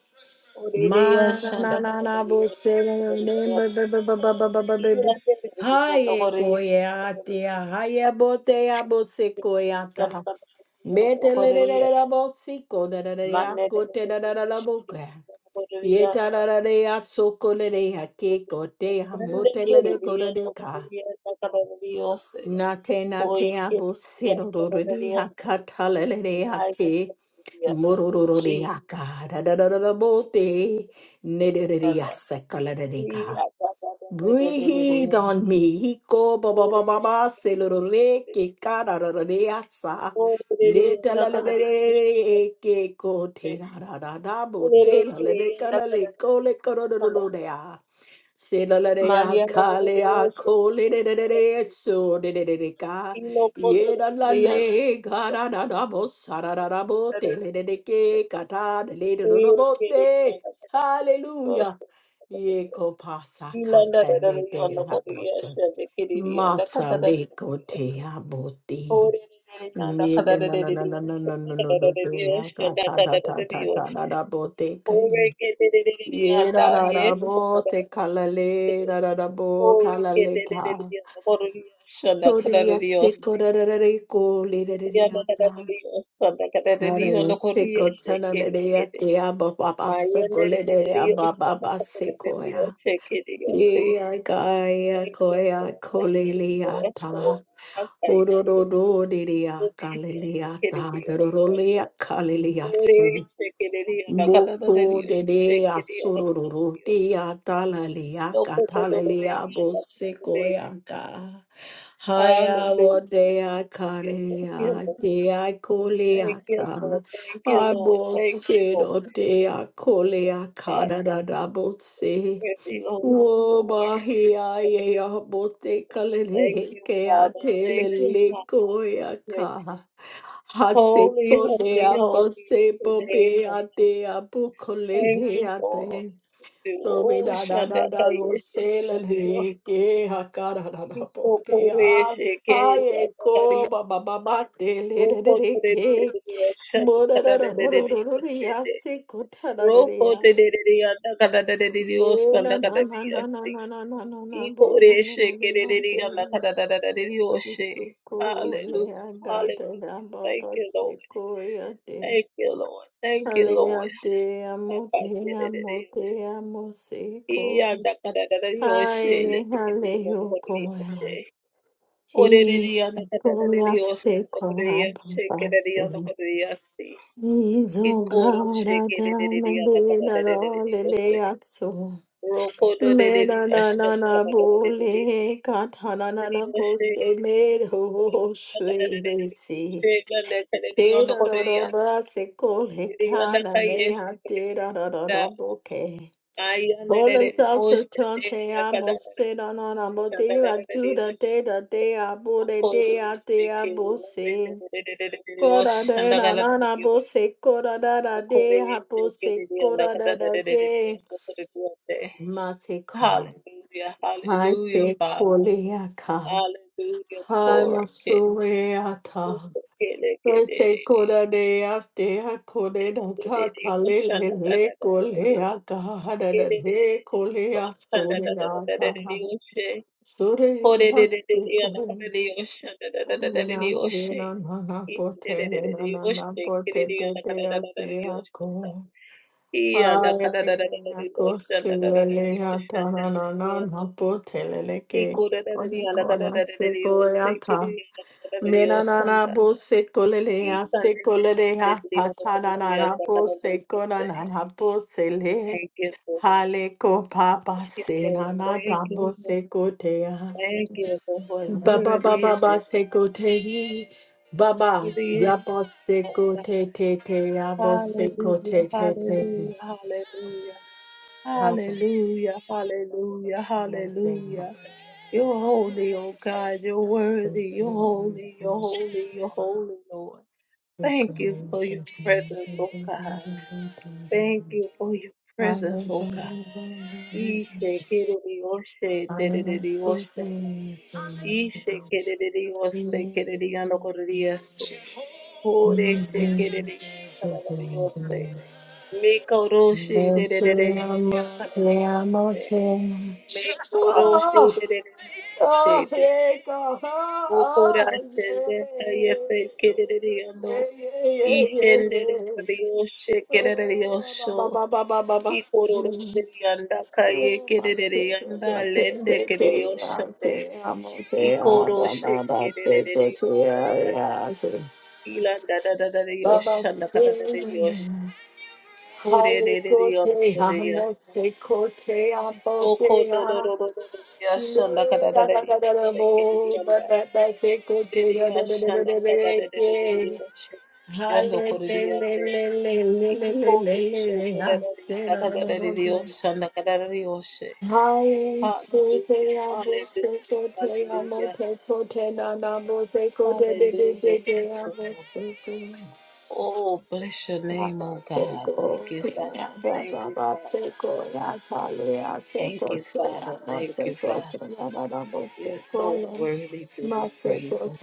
B: Hoy, Mendere de
A: Ma
B: Dios,
A: na na
B: Cantata
A: na na bo se na na
B: de Dios.
A: na ba ba ba ba ba ba ba
B: Thank
A: ba ba. Haye koye ate a haye bote a bo se koye ata ha. Mete le le le le la bo si ko da da da ya ko te da da da la bo ka. Ye ta da da da ya so ko le de ya ke ko te ha mo te le de ko da de ka.
B: you.
A: Nate nate abo sirororori akatalelere ake morororori akadadadadabote nedereri asakalereka. Breathe on me. Hiko ba ba ba ba ba sirorore ke kararore asa netalelere ke ko te da da da da bote lalere kalaleko le korororore Sedaladea
B: Maliana
A: kalea kole de de de de so de de de de ka ye da la le ga da da da bo sa da da da bo te le de de ke ka ta de le de do do bo te hallelujah ye ko pa sa ka te le de ha bo se ma ta le ko te ha bo te ni de na na na na na na na na do do ya ka ta ta ta ta ta da da bo te ka Ye da da da
B: Yes,
A: bo te kalale da da da bo
B: Oh, we get
A: kalale
B: it, it, it,
A: ka.
B: yeah, the Lord, yeah, shanda,
A: So de
B: kada, da,
A: ya
B: da, yeah,
A: se
B: see.
A: da da da ko le da da de
B: Yeah, da,
A: ya
B: da, da, da,
A: da.
B: yeah, shanda, kada, da, da,
A: Da da
B: yeah,
A: da
B: look, oh,
A: se
B: yeah,
A: ko ta
B: shake
A: da
B: it,
A: da
B: look
A: ya
B: at it.
A: te ya ba ba ba
B: My,
A: se
B: yeah, da,
A: ko
B: da,
A: le
B: da, da,
A: de ya
B: yeah,
A: ba ba
B: shanda,
A: ba
B: kada, da,
A: se
B: da,
A: ko
B: yeah,
A: ya.
B: shake it, yeah,
A: Ye
B: see.
A: ya ka ya
B: Thank
A: ko
B: you,
A: ya
B: Lord.
A: ko
B: Thank
A: le
B: you,
A: le ya
B: Lord,
A: ta.
B: for all that
A: O
B: I
A: do do
B: see.
A: do de de
B: Oh,
A: ya ka
B: yeah,
A: le le
B: shanda,
A: ya
B: kada,
A: ta.
B: da,
A: Da
B: yeah,
A: do do le ya
B: shanda.
A: ka le le ya
B: Oh,
A: so.
B: yeah, shake it, yeah, da, kada, da, da,
A: Boko
B: yeah,
A: de de
B: shake it, yeah, da, kada, da,
A: asururu
B: yeah.
A: de atalalia
B: Look, oh, da, da, da, da,
A: katalalia
B: yeah, da, kada, da, da, yeah.
A: bosekoyaka. Haya
B: Hallelujah.
A: wadea
B: Thank
A: kalea
B: you, Lord.
A: dea
B: Thank you,
A: koleata.
B: Lord. Thank you, Lord. Thank you, Lord.
A: Abosedo dea kolea
B: God,
A: kadada
B: you're
A: dabose.
B: worthy, Lord. So worthy.
A: Wobahia yea bote
B: Thank
A: kalele
B: you,
A: kea
B: Father. Thank you,
A: telele
B: God. You're
A: koyaka. Hase
B: holy,
A: pole
B: holy, holy
A: apo
B: is
A: se
B: your name.
A: pope
B: Lord.
A: ate apo
B: Thank
A: kolele
B: you for all
A: ate.
B: that you do.
A: Pope
B: Oh,
A: da da da da wo
B: Shandakaya,
A: se le
B: Shandakaya.
A: le
B: You're
A: ke hakara da da po
B: so
A: ke
B: holy,
A: a.
B: Shekaya,
A: Aye ko ba ba ba ba te le
B: You're so
A: le le
B: holy,
A: le ke.
B: Shandakaya, Shandakaya.
A: Mo da da da da da da da da ya se ko ta da da da
B: Roko
A: ya.
B: de de de de, anda kada de de de de,
A: Me na
B: osanda kada
A: na
B: de
A: na na na
B: de.
A: na na na na na bo na na
B: Ikoreshe
A: na na
B: kererere yanda
A: te.
B: kadadadadadadiyoshe.
A: Seko le
B: Hallelujah.
A: agata
B: Hallelujah.
A: da ba
B: Thank
A: ba
B: you, Lord.
A: seko ya te.
B: Thank you, Lord. Thank you,
A: Alea
B: Lord.
A: te amo, te amo,
B: Akakererereyoshe.
A: te amo, seco.
B: Iyanda kadadadadadiyoshe.
A: Ay, aleo
B: Lekererereyoshe.
A: coa.
B: Orerere
A: Yes,
B: yanda
A: coa
B: kadadadadadiyoshe.
A: seco,
B: Lekerereyoshe. Kererere yanda
A: ababase.
B: kadadadadadiyoshe.
A: Izo
B: Ikoroshe
A: gara dana
B: kererere yanda
A: bela la
B: kadadadadadadiyoshe.
A: lelea so. Mela na
B: Rokododedeyoshe.
A: na na
B: Kadadadadadadiyoshe.
A: bole katana na na bose le ho shwe le si. Te da da da ba se kole kana ne ha te da da da da boke. Hola salto tonte amo se no no no mo te va juda te da te a bo de te a te a bo se cora de na na na bo se cora da da de ha bo se cora da da de ma se ka
B: Hallelujah,
A: hai se
B: hallelujah, Father,
A: kolea ka
B: hallelujah,
A: hai ma
B: Korah,
A: sure ata Ve se se cora de a te a
B: Thank
A: kore da ta ta le le le kolea ka ha da da de kolea sure ata Surely happy kumbh niya pena na pote nana na na pote te te a te a ko. Aya ko silele ya ta na na na na pote le le ke. Oye ko ya se ko ya ta. Mena na na bo se ko le le ya se ko ya ta ta na na na bo se na na na bo
B: you.
A: Hale ko papa
B: you,
A: se
B: Lord.
A: na na
B: Thank
A: ta bo
B: you, Lord.
A: se
B: Thank you, Lord.
A: Baba
B: Worthy
A: baba
B: is your
A: ba
B: name.
A: seko te hi.
B: God.
A: Baba
B: Worthy is
A: yabo
B: your
A: seko
B: name.
A: te te te yabo seko
B: Hallelujah,
A: te te te te.
B: hallelujah, hallelujah.
A: Baba
B: Hallelujah, hallelujah,
A: yabo
B: hallelujah. You're holy, oh God. You're worthy. You're holy, you're holy, you're holy, Lord. Thank you for your presence, oh God. Thank you for your presence, oh God.
A: te
B: Ishe, kiri, oshe, dedede, oshe. Ishekerere yose kerere yanokorere yose. Kore shekerere yanakararare yose.
A: yabo. Te
B: Mikoroshe
A: amo,
B: dererere yanakararare
A: te amo,
B: yose.
A: te amo.
B: Mikoroshe
A: Oh,
B: dererere yose.
A: oh, here it goes. Oh, oh,
B: Mokorashende kayefe
A: yeah.
B: kerere yano.
A: Yeah, yeah, yeah, yeah, yeah.
B: Ishenderere yoshe kerere
A: Oh,
B: yosho.
A: ba, ba, ba, ba, ba, ba, ba.
B: Ikororere yanda kaye
A: Oh, my
B: kerere yanda
A: Savior. Te,
B: lende
A: te,
B: kerere
A: te,
B: yoshe.
A: ah, te amo, te amo, ba,
B: Ikoroshe
A: ba, ba,
B: kerere
A: te, te, te,
B: yoshe.
A: ah, ah, te.
B: Ila da da da da da
A: Ba, ba,
B: yosha na kada da da yosha.
A: Savior.
B: Ure
A: Hale
B: de de de yon
A: kote
B: ure
A: amo
B: yosha.
A: se kote amo te
B: Oko do do
A: a.
B: do do do do
A: Le
B: yosha na kada da
A: da
B: da
A: da
B: da
A: da da da
B: yosha ke de de
A: bo
B: yon
A: ba
B: da.
A: ba ba se
B: De
A: kote
B: de
A: da da da da
B: yosha
A: da
B: na
A: da
B: kada
A: da
B: da da da da da
A: da.
B: yosha. Yon do
A: Hale le
B: kore de yon de.
A: le le le le le
B: Iko
A: le le
B: do sho
A: le le
B: kore
A: a
B: da de yon
A: se
B: da
A: da da
B: kada
A: da
B: da da da
A: da da.
B: yosha na kada da da yosha.
A: Hale kote
B: Hallelujah.
A: amo se
B: Hallelujah.
A: kote amo
B: Hallelujah.
A: te kote da da bo se kote de de
B: Hallelujah.
A: de de
B: Thank you,
A: amo
B: Lord.
A: se kote.
B: Oh, bless your name, oh
A: Hi,
B: God. Thank you, Father. Thank you, Father. Thank you, Father. Thank you, Father. You're so worthy to be praised. oh.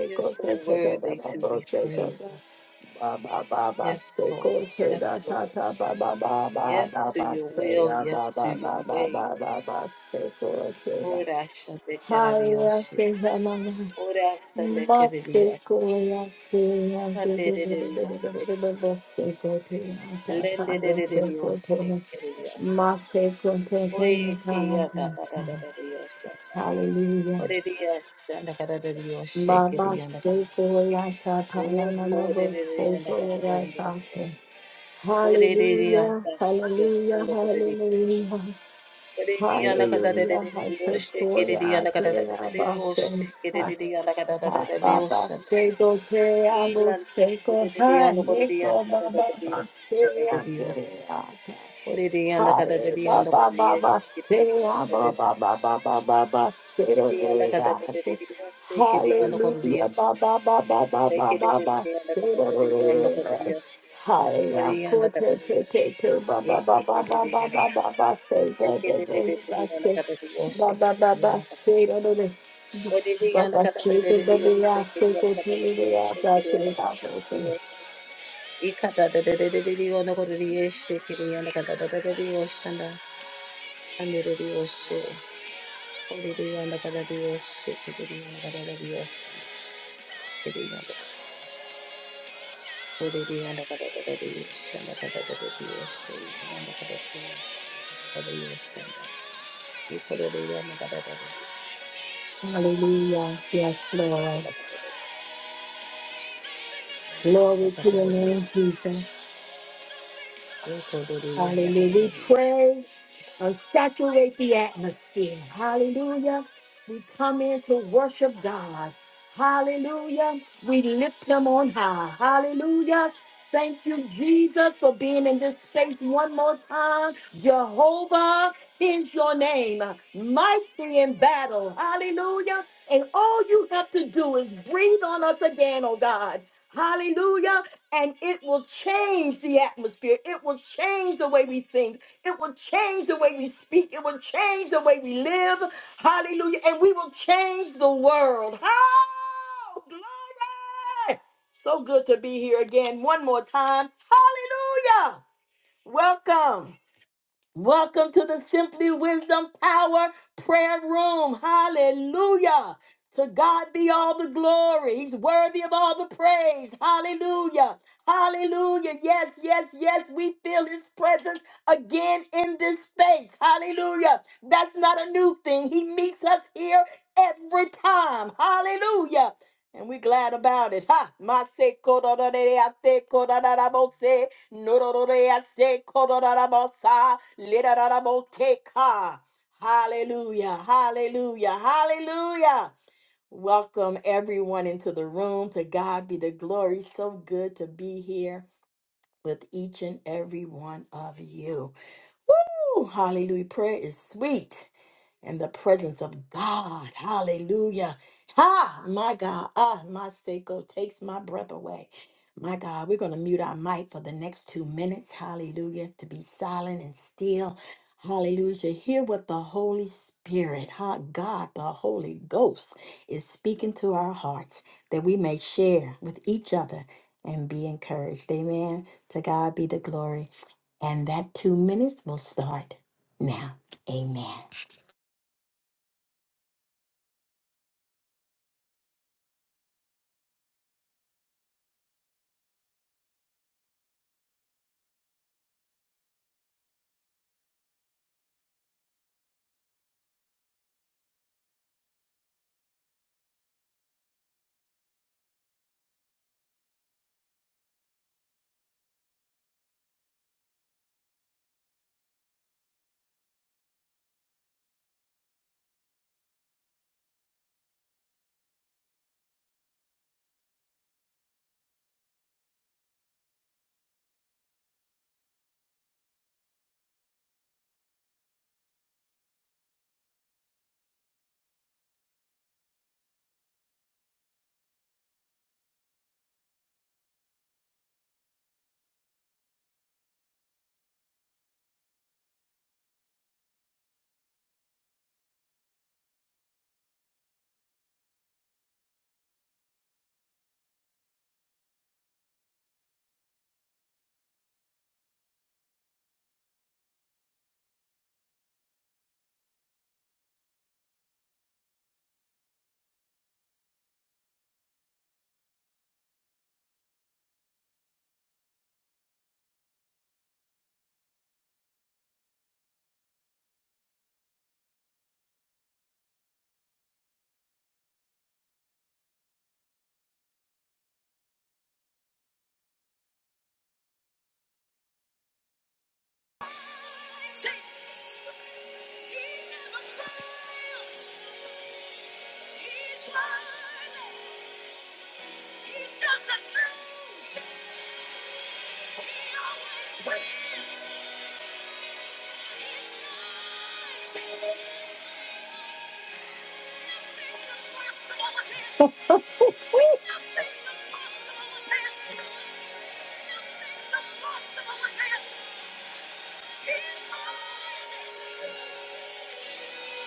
B: You're so worthy to be praised. oh. Yes, Lord. Yes, Lord. Yes to your will. Yes to your way. Ora shande karadioshe. Ora
A: Hallelujah.
B: shande
A: Baba
B: karadioshe.
A: Hallelujah.
B: Ikande redioshe kiriya. Lende redioshe kiriya. Oye kiya da da da da da dioshe. Redioshe da da da dioshe Nda karadioshe kiriya. Oh, poor de de de and that of the boss. Oh, de de de and
A: Hallelujah.
B: that of the
A: Hallelujah.
B: son of the de. Oh, de
A: Hallelujah.
B: de and the de de
A: I
B: de oh,
A: pray
B: shake
A: for
B: de
A: you.
B: de
A: I
B: and that of the
A: pray
B: de de de oh, shake
A: about
B: de de de and that of the de de oh,
A: Baba
B: shake.
A: say sego te amo
B: Ila
A: sego
B: de de de
A: hai
B: and that of the and
A: leko
B: that of the
A: baba
B: de de oh, shake
A: maseya
B: de de de oh.
A: keya.
B: Oh, de de and that of the de
A: Hai
B: de and that of
A: baba
B: the yes,
A: baba
B: shake de
A: seya
B: de de.
A: baba baba baba baba
B: Oh, de
A: sero
B: de and that the
A: neya.
B: de de de yes, the yes, the the yes, shake
A: Hallelujah baba baba baba baba baba sero neya. Hai ako te te
B: yes.
A: te te baba
B: Oririyanda
A: baba baba baba baba sego te te say, baba baba say baba sero Baba Seke Bebea Seke Bebea Bashe
B: kadadadadiyoshanda kadadadadiyoshanda. Ilandakadadadiyoshanda kadadadadiyoshanda. Ikodoriya nakadadadiya.
A: Hallelujah. Yes, Lord.
B: Nakadadadiya
A: Glory to your
B: nakadadadiya.
A: name, Jesus.
B: Ukodoriya
A: Hallelujah. We
B: nakadadadiya.
A: pray and saturate the atmosphere. Hallelujah. We come in to worship God. Hallelujah. We lift him on high. Hallelujah. Thank you, Jesus, for being in this space one more time. Jehovah is your name, mighty in battle. Hallelujah. And all you have to do is breathe on us again, oh God. Hallelujah and it will change the atmosphere. It will change the way we think. It will change the way we speak. It will change the way we live. Hallelujah. And we will change the world. Oh, glory. So good to be here again one more time. Hallelujah. Welcome. Welcome to the Simply Wisdom Power Prayer Room. Hallelujah. To God be all the glory. He's worthy of all the praise. Hallelujah. Hallelujah. Yes, yes, yes. We feel his presence again in this space. Hallelujah. That's not a new thing. He meets us here every time. Hallelujah. And we're glad about it. Ha. Ma se ko da da de de, a se ko da da da bo se. Nororese kororarabosa, lirararaboteka. Hallelujah, hallelujah, hallelujah. Welcome everyone into the room. To God be the glory. So good to be here with each and every one of you. Woo! Hallelujah. Prayer is sweet in the presence of God. Hallelujah. Ha! My God. Ah, my Seiko takes my breath away. My God, we're going to mute our mic for the next two minutes. Hallelujah. To be silent and still. Hallelujah. To Hear what the Holy Spirit, huh? God, the Holy Ghost, is speaking to our hearts that we may share with each other and be encouraged. Amen. To God be the glory. And that two minutes will start now. Amen.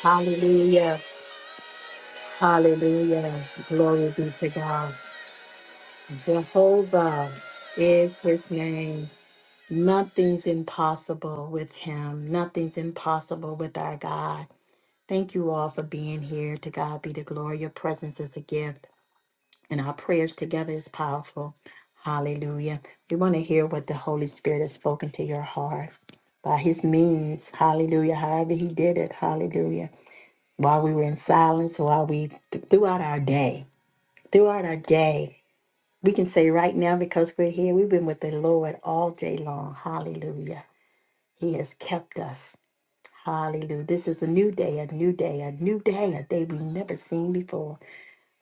A: Hallelujah. Hallelujah. Glory be to God. Jehovah is his name. Nothing's impossible with him. Nothing's impossible with our God. Thank you all for being here. To God be the glory. Your presence is a gift, and our prayers together is powerful. Hallelujah. We want to hear what the Holy Spirit has spoken to your heart by his means. Hallelujah. However, he did it. Hallelujah. While we were in silence, while we, th- throughout our day, throughout our day. We can say right now, because we're here, we've been with the Lord all day long. Hallelujah. He has kept us. Hallelujah. This is a new day, a new day, a new day, a day we've never seen before,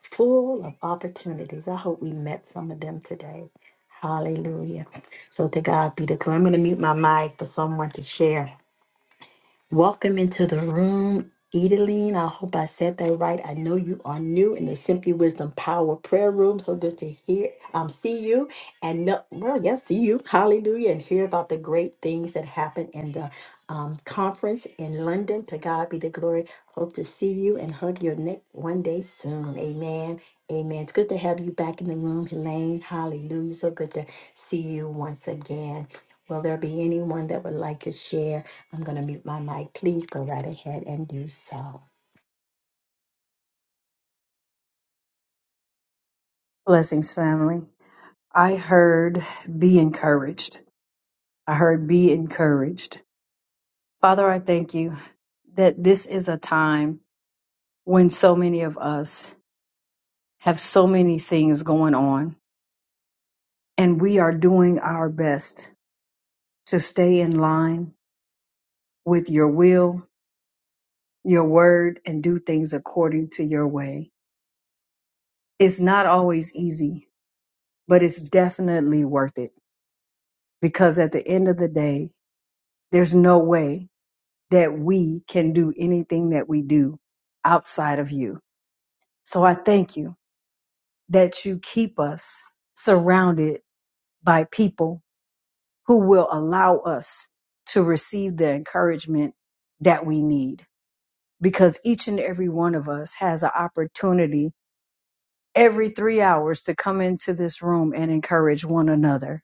A: full of opportunities. I hope we met some of them today. Hallelujah. So to God be the glory. I'm going to mute my mic for someone to share. Welcome into the room, Edeline. I hope I said that right. I know you are new in the Simply Wisdom Power Prayer Room. So good to hear, um, see you, and know, well, yes, see you. Hallelujah, and hear about the great things that happen in the um, conference in London. To God be the glory. Hope to see you and hug your neck one day soon. Amen. Amen. It's good to have you back in the room, Helene. Hallelujah. So good to see you once again. Will there be anyone that would like to share? I'm going to mute my mic. Please go right ahead and do so.
C: Blessings, family. I heard be encouraged. I heard be encouraged. Father, I thank you that this is a time when so many of us have so many things going on, and we are doing our best to stay in line with your will, your word, and do things according to your way. It's not always easy, but it's definitely worth it because at the end of the day, there's no way that we can do anything that we do outside of you. So I thank you that you keep us surrounded by people who will allow us to receive the encouragement that we need because each and every one of us has an opportunity every three hours to come into this room and encourage one another.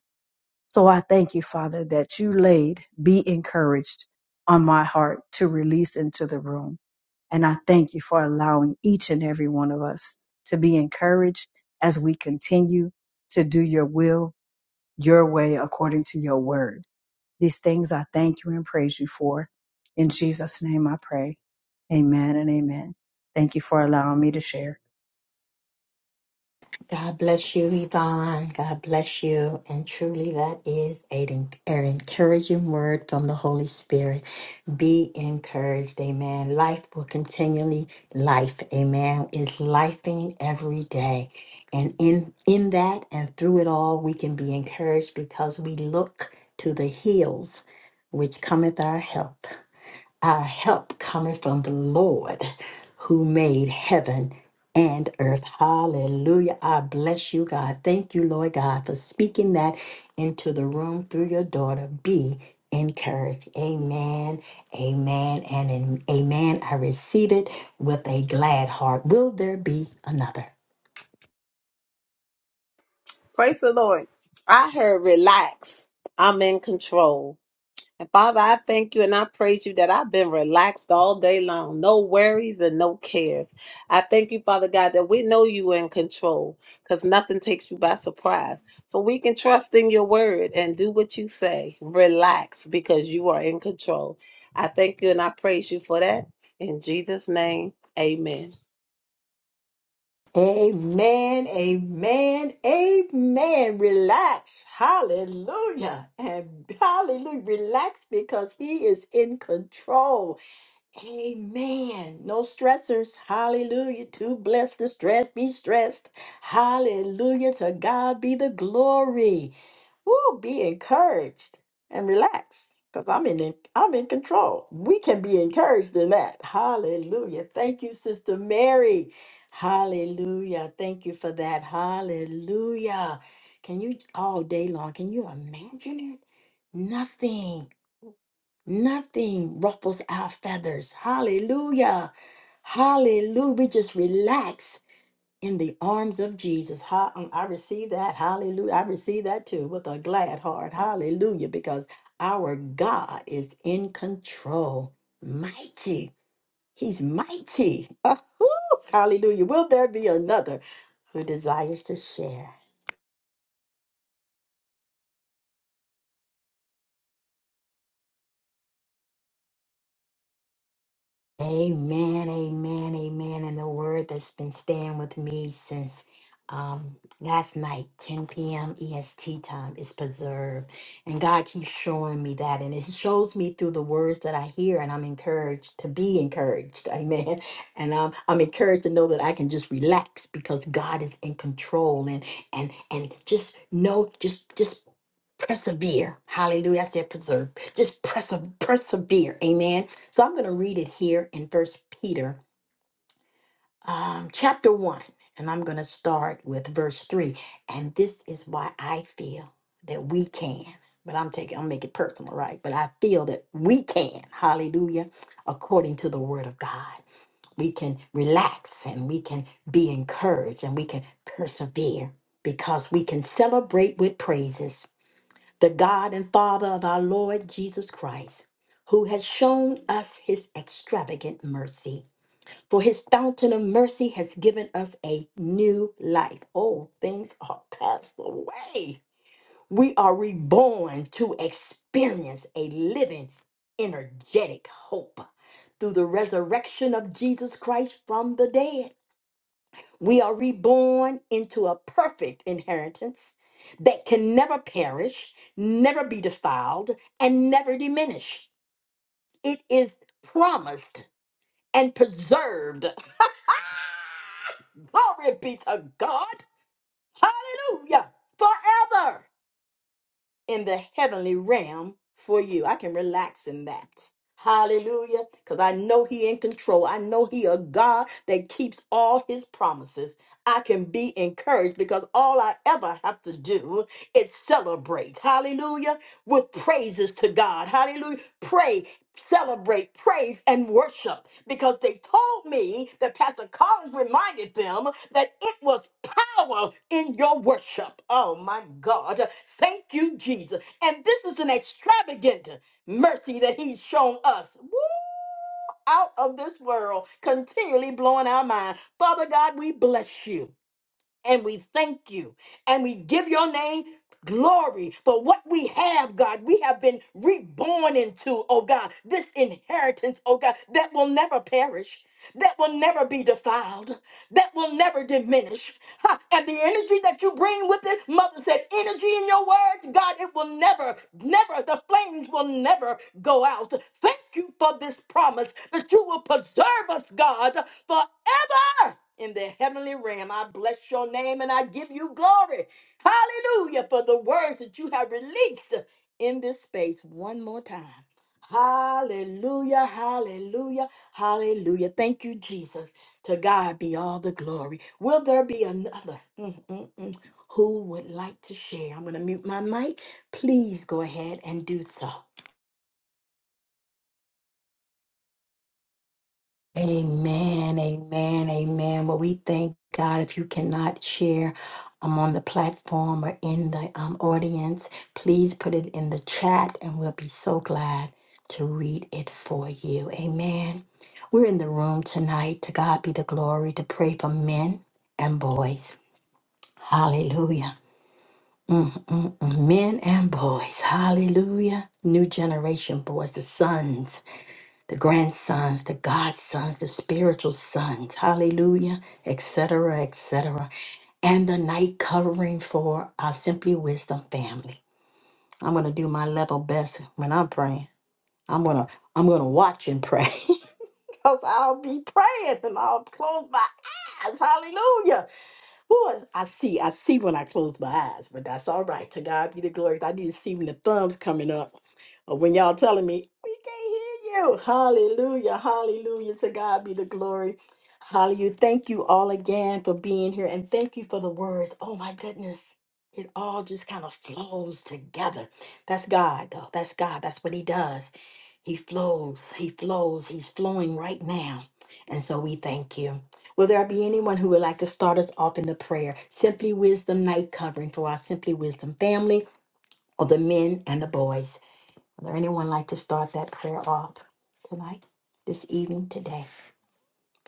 C: So I thank you, Father, that you laid be encouraged on my heart to release into the room. And I thank you for allowing each and every one of us to be encouraged as we continue to do your will, your way, according to your word. These things I thank you and praise you for. In Jesus' name I pray. Amen and amen. Thank you for allowing me to share.
A: God bless you, Yvonne. God bless you. And truly, that is an an encouraging word from the Holy Spirit. Be encouraged. Amen. Life will continually life. Amen. It's lifing every day. And in, in that and through it all, we can be encouraged because we look to the hills which cometh our help. Our help coming from the Lord who made heaven and earth. Hallelujah. I bless you, God. Thank you, Lord God, for speaking that into the room through your daughter. Be encouraged. Amen. Amen. And in, amen. I receive it with a glad heart. Will there be another?
B: Praise the Lord. I heard relax. I'm in control. And Father, I thank you and I praise you that I've been relaxed all day long. No worries and no cares. I thank you, Father God, that we know you are in control because nothing takes you by surprise. So we can trust in your word and do what you say. Relax because you are in control. I thank you and I praise you for that. In Jesus' name, amen.
A: Amen, amen, amen. Relax. Hallelujah. And hallelujah. Relax because he is in control. Amen. No stressors. Hallelujah. Too blessed to stress. Be stressed. Hallelujah. To God be the glory. Woo, be encouraged and relax because I'm in I'm in control. We can be encouraged in that. Hallelujah. Thank you, Sister Mary. Hallelujah. Thank you for that. Hallelujah. Can you all day long, can you imagine it? Nothing, nothing ruffles our feathers. Hallelujah. Hallelujah. We just relax in the arms of Jesus. Ha- um, I receive that. Hallelujah. I receive that too with a glad heart. Hallelujah. Because our God is in control. Mighty. He's mighty. Ah, whoo. Hallelujah. Will there be another who desires to share? Amen, amen, amen. And the word that's been staying with me since um, last night, 10 p.m. EST time, is preserved. And God keeps showing me that. And it shows me through the words that I hear, and I'm encouraged to be encouraged. Amen. And um, I'm encouraged to know that I can just relax because God is in control and and and just know, just just persevere. Hallelujah. I said preserve. Just perse- persevere. Amen. So I'm going to read it here in First Peter, um, chapter one, and I'm going to start with verse three. And this is why I feel that we can. But I'm taking, I'll make it personal, right? But I feel that we can, hallelujah, according to the word of God. We can relax and we can be encouraged and we can persevere because we can celebrate with praises the God and Father of our Lord Jesus Christ, who has shown us his extravagant mercy. For his fountain of mercy has given us a new life. Oh, things are passed away. We are reborn to experience a living, energetic hope through the resurrection of Jesus Christ from the dead. We are reborn into a perfect inheritance that can never perish, never be defiled, and never diminish. It is promised and preserved. Glory be to God. Hallelujah. Forever. in the heavenly realm for you. I can relax in that. Hallelujah. Because I know he in control. I know he a God that keeps all his promises. I can be encouraged because all I ever have to do is celebrate. Hallelujah. With praises to God. Hallelujah. Pray, celebrate, praise, and worship. Because they told me that Pastor Collins reminded them that it was power in your worship. Oh my God. Thank you, Jesus. And this is an extravagant mercy that He's shown us. Woo, out of this world, continually blowing our mind. Father God, we bless you and we thank you and we give your name glory for what we have, God. We have been reborn into, oh God, this inheritance, oh God, that will never perish. That will never be defiled. That will never diminish. Ha, And the energy that you bring with it, Mother said, energy in your word, God, it will never, never, the flames will never go out. Thank you for this promise that you will preserve us, God, forever in the heavenly realm. I bless your name and I give you glory. Hallelujah for the words that you have released in this space one more time. Hallelujah, hallelujah, hallelujah. Thank you, Jesus. To God be all the glory. Will there be another? Mm, mm, mm. Who would like to share? I'm going to mute my mic. Please go ahead and do so. Amen, amen, amen. Well, we thank God. If you cannot share um, on the platform or in the um, audience, please put it in the chat and we'll be so glad to read it for you. Amen. We're in the room tonight. To God be the glory to pray for men and boys. Hallelujah. Mm, mm, mm. Men and boys. Hallelujah. New generation boys, the sons the grandsons, the godsons, the spiritual sons, hallelujah, etc., etc., and the night covering for our Simply Wisdom family. I'm gonna do my level best when I'm praying. I'm gonna I'm gonna watch and pray because I'll be praying and I'll close my eyes, hallelujah, Boy, I see, I see when I close my eyes, but that's all right. To God be the glory. I need to see when the thumbs coming up, or when y'all telling me we can't hear you. Hallelujah, hallelujah. To God be the glory. Hallelujah. Thank you all again for being here, and thank you for the words. Oh my goodness, it all just kind of flows together. That's God, though. That's God. That's what He does. He flows, he flows, he's flowing right now. And so we thank you. Will there be anyone who would like to start us off in the prayer? Simply Wisdom Night covering for our Simply Wisdom family or the men and the boys. Will there anyone like to start that prayer off tonight, this evening, today?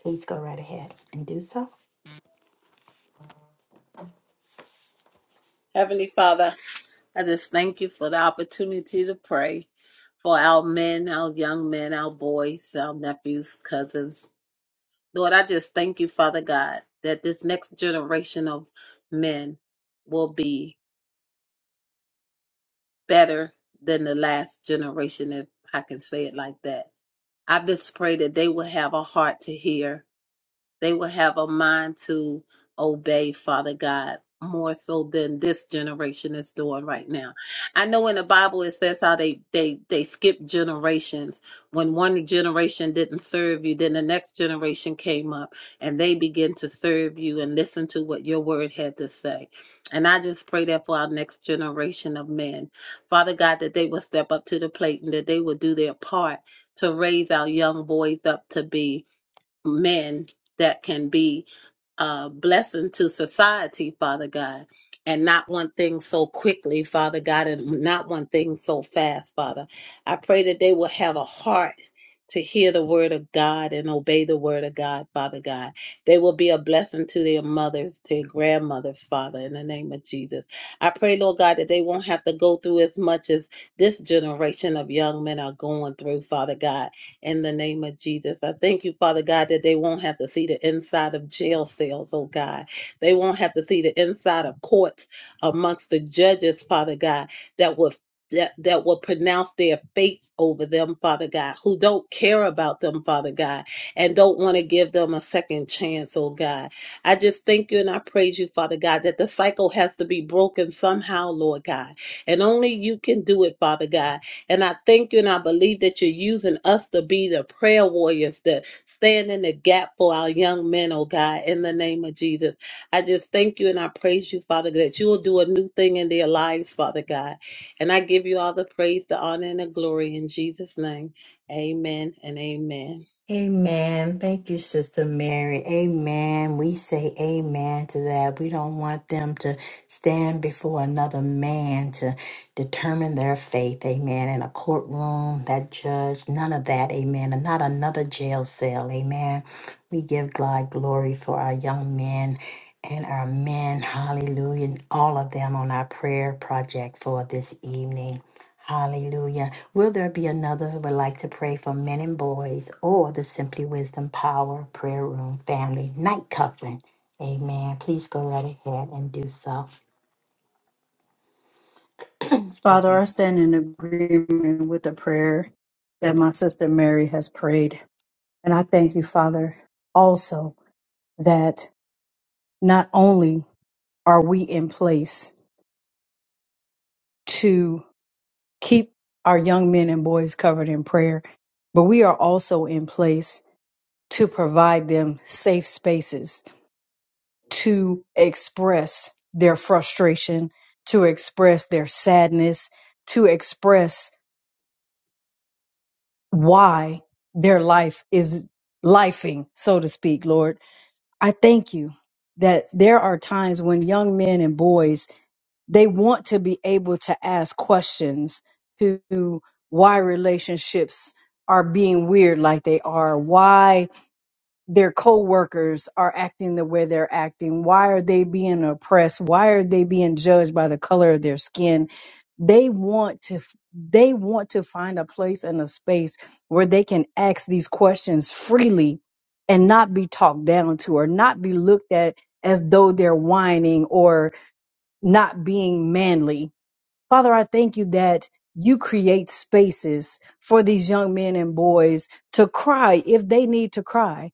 A: Please go right ahead and do so.
B: Heavenly Father, I just thank you for the opportunity to pray for our men, our young men, our boys, our nephews, cousins Lord, I just thank you, Father God, that this next generation of men will be better than the last generation, if I can say it like that. I just pray that they will have a heart to hear they will have a mind to obey Father God more so than this generation is doing right now. I know in the Bible it says how they they they skip generations. When one generation didn't serve you, then the next generation came up and they begin to serve you and listen to what your word had to say. And I just pray that for our next generation of men. Father God, that they will step up to the plate and that they will do their part to raise our young boys up to be men that can be a blessing to society, Father God, and not want things so quickly, Father God, and not want things so fast, Father. I pray that they will have a heart to hear the word of God and obey the word of God, Father God. They will be a blessing to their mothers, to their grandmothers, Father, in the name of Jesus. I pray, Lord God, that they won't have to go through as much as this generation of young men are going through, Father God in the name of Jesus. I thank you, Father God, that they won't have to see the inside of jail cells, oh God. They won't have to see the inside of courts amongst the judges, Father God, that will that, that will pronounce their fate over them, Father God, who don't care about them, Father God, and don't want to give them a second chance, oh God. I just thank you and I praise you, Father God, that the cycle has to be broken somehow, Lord God. And only you can do it, Father God. And I thank you and I believe that you're using us to be the prayer warriors that stand in the gap for our young men, oh God, in the name of Jesus. I just thank you and I praise you, Father, that you will do a new thing in their lives, Father God. And I give you all the praise, the honor, and the glory in Jesus' name. Amen and amen.
A: Amen. And we say amen to that. We want them to another man to determine their faith, amen, in a courtroom, that judge, none of that, amen, and not another jail cell, amen. We give God glory for our young men and our men, hallelujah, and all of them on our prayer project for this evening. Hallelujah. Will there be another who would like to pray for men and boys or the Simply Wisdom Power Prayer Room family night covering? Amen. Please go right ahead and do so. Excuse me.
C: Father, I stand in agreement with the prayer that my sister Mary has prayed. And I thank you, Father, also that not only are we in place to keep our young men and boys covered in prayer, but we are also in place to provide them safe spaces to express their frustration, to express their sadness, to express why their life is lifing, so to speak, Lord. I thank you that there are times when young men and boys they want to be able to ask questions to why relationships are being weird like they are, why their coworkers are acting the way they're acting, why are they being oppressed, why are they being judged by the color of their skin. They want to f- they want to find a place and a space where they can ask these questions freely and not be talked down to or not be looked at as though they're whining or not being manly Father, I thank you that you create spaces for these young men and boys to cry if they need to cry,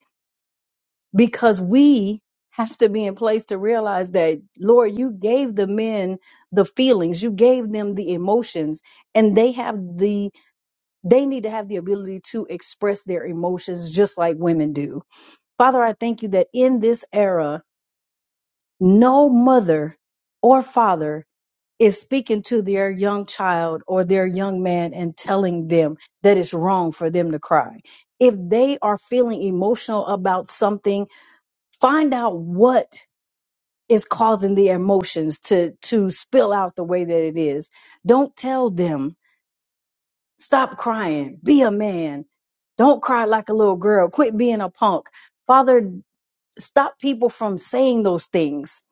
C: because we have to be in place to realize that, Lord, you gave the men the feelings, you gave them the emotions, and they have the, they need to have the ability to express their emotions just like women do. Father, I thank you that in this era, no mother or father is speaking to their young child or their young man and telling them that it's wrong for them to cry. If they are feeling emotional about something, find out what is causing the emotions to to spill out the way that it is. Don't tell them, stop crying, be a man. Don't cry like a little girl. Quit being a punk. Father, stop people from saying those things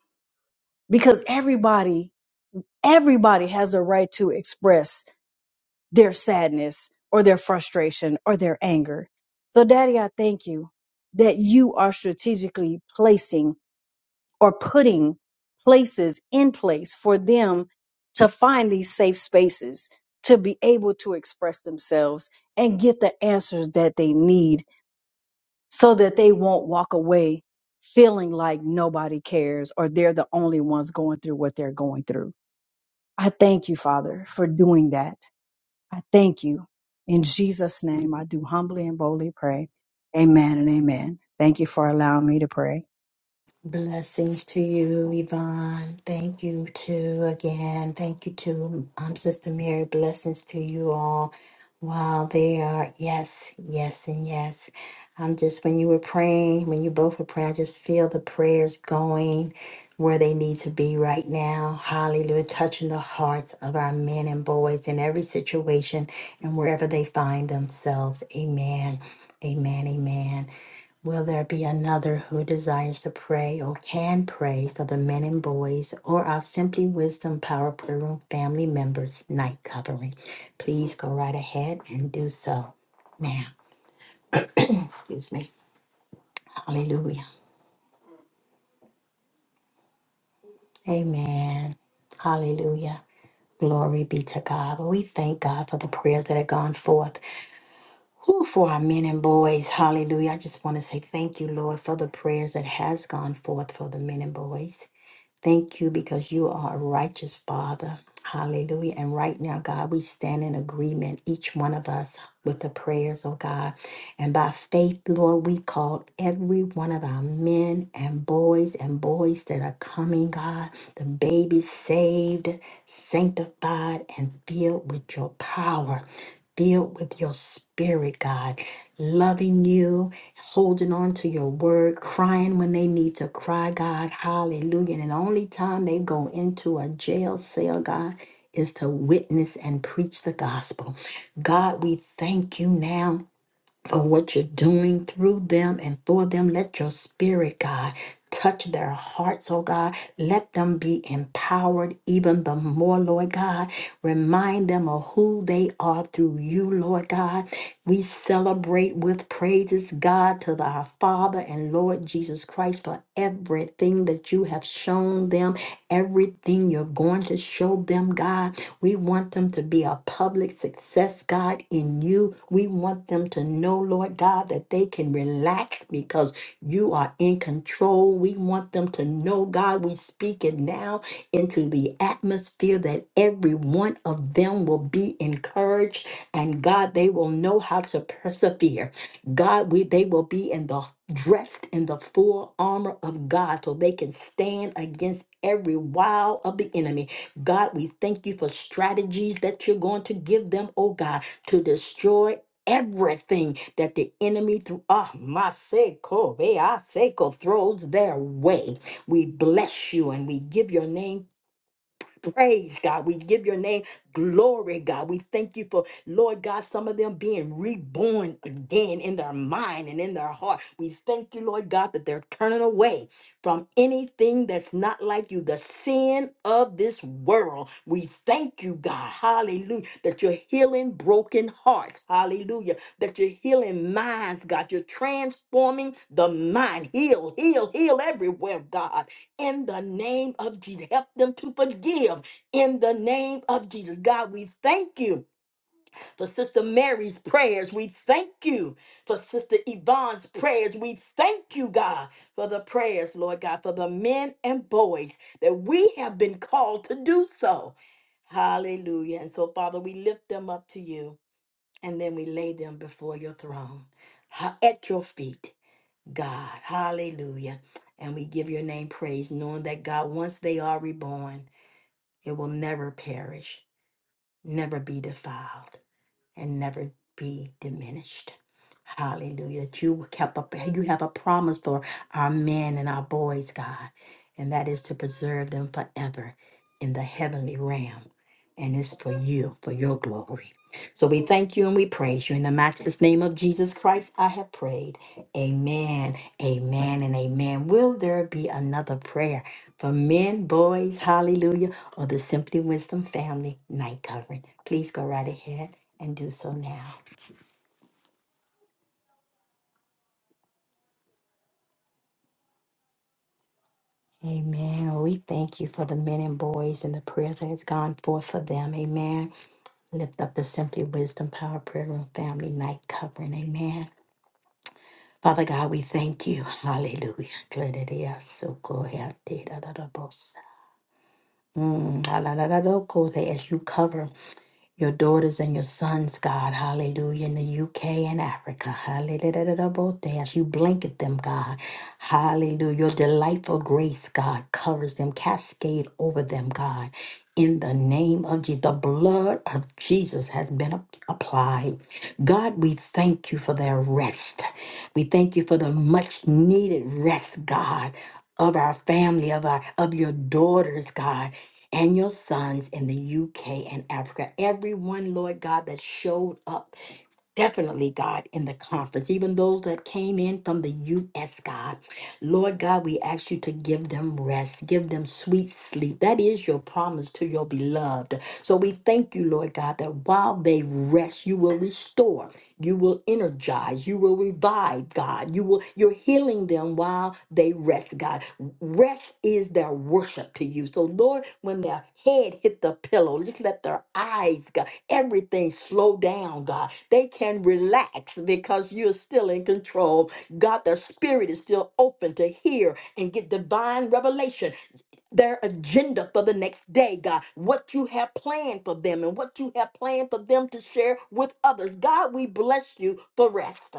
C: because everybody everybody has a right to express their sadness or their frustration or their anger. So, Daddy, I thank you that you are strategically placing or putting places in place for them to find these safe spaces to be able to express themselves and get the answers that they need so that they won't walk away feeling like nobody cares or they're the only ones going through what they're going through. I thank you, Father, for doing that. I thank you. In Jesus' name, I do humbly and boldly pray. Amen and amen. Thank you for allowing me to pray.
A: Blessings to you, Yvonne. Thank you too again. Thank you to um, Sister Mary. Blessings to you all. Wow, they are yes, yes, and yes. I'm just when you were praying, when you both were praying, I just feel the prayers going where they need to be right now. Hallelujah. Touching the hearts of our men and boys in every situation and wherever they find themselves. Amen. Amen. Amen. Will there be another who desires to pray or can pray for the men and boys or our Simply Wisdom Power Prayer Room family members night covering? Please go right ahead and do so now. Excuse me. Hallelujah. Amen. Hallelujah. Glory be to God. But we thank God for the prayers that have gone forth. Who for our men and boys. Hallelujah. I just want to say thank you, Lord, for the prayers that has gone forth for the men and boys. Thank you because you are a righteous Father. Hallelujah. And right now, God, we stand in agreement, each one of us, with the prayers, oh God. And by faith, Lord, we call every one of our men and boys and boys that are coming, God, the babies saved, sanctified, and filled with your power filled with your spirit, God, loving you, holding on to your word, crying when they need to cry, God. Hallelujah. And the only time they go into a jail cell, God, is to witness and preach the gospel. God, we thank you now for what you're doing through them and for them. Let your spirit, God, touch their hearts, oh God. Let them be empowered even the more, Lord God. Remind them of who they are through you, Lord God. We celebrate with praises, God, to the- our Father and Lord Jesus Christ for everything that you have shown them, everything you're going to show them, God. We want them to be a public success, God, in you. We want them to know, Lord God, that they can relax because you are in control. We want them to know, God, we speak it now into the atmosphere that every one of them will be encouraged and God, they will know how to persevere. God, we they will be in the dressed in the full armor of God so they can stand against every wile of the enemy. God, we thank you for strategies that you're going to give them, oh God, to destroy everything that the enemy through ah my seco throws their way. We bless you and we give your name praise, God. We give your name glory, God. We thank you for, Lord God, some of them being reborn again in their mind and in their heart. We thank you, Lord God, that they're turning away from anything that's not like you, the sin of this world. We thank you, God, hallelujah, that you're healing broken hearts, hallelujah, that you're healing minds, God. You're transforming the mind. Heal, heal, heal everywhere, God in the name of Jesus. Help them to forgive in the name of Jesus. God, we thank you for Sister Mary's prayers. We thank you for Sister Yvonne's prayers. We thank you, God, for the prayers, Lord God, for the men and boys that we have been called to do so. Hallelujah. And so, Father, we lift them up to you and then we lay them before your throne ha- at your feet. God. Hallelujah. And we give your name praise, knowing that God, once they are reborn, it will never perish, never be defiled and never be diminished. Hallelujah. That you kept up you have a promise for our men and our boys, God, and that is to preserve them forever in the heavenly realm. And it's for you, for your glory. So we thank you and we praise you. In the matchless name of Jesus Christ, I have prayed. Amen, amen, and amen. Will there be another prayer for men, boys, hallelujah, or the Simply Wisdom family night covering? Please go right ahead and do so now. Amen. We thank you for the men and boys and the prayers that has gone forth for them. Amen. Lift up the Simply Wisdom Power Prayer Room family night covering. Amen. Father God, we thank you. Hallelujah. Glory to you. So go ahead. Da, da, da, da, boss. Mm, la, la, la, la, go there As you cover your daughters and your sons, God, hallelujah, in the UK and Africa, hallelujah, both there, as you blanket them, God, hallelujah, your delightful grace, God, covers them, cascade over them, God, in the name of Jesus, the blood of Jesus has been ap- applied. God, we thank you for their rest. We thank you for the much needed rest, God, of our family, of our of your daughters, God and your sons in the UK and Africa, everyone, Lord God, that showed up Definitely, God, in the conference, even those that came in from the U.S., God. Lord God, we ask you to give them rest, give them sweet sleep. That is your promise to your beloved. So we thank you, Lord God, that while they rest, you will restore, you will energize, you will revive, God. You will you're healing them while they rest, God. Rest is their worship to you. So Lord, when their head hit the pillow, just let their eyes, God. Everything slow down, God. They can relax because you're still in control. God, the spirit is still open to hear and get divine revelation their agenda for the next day, God, what you have planned for them and what you have planned for them to share with others. God, we bless you for rest.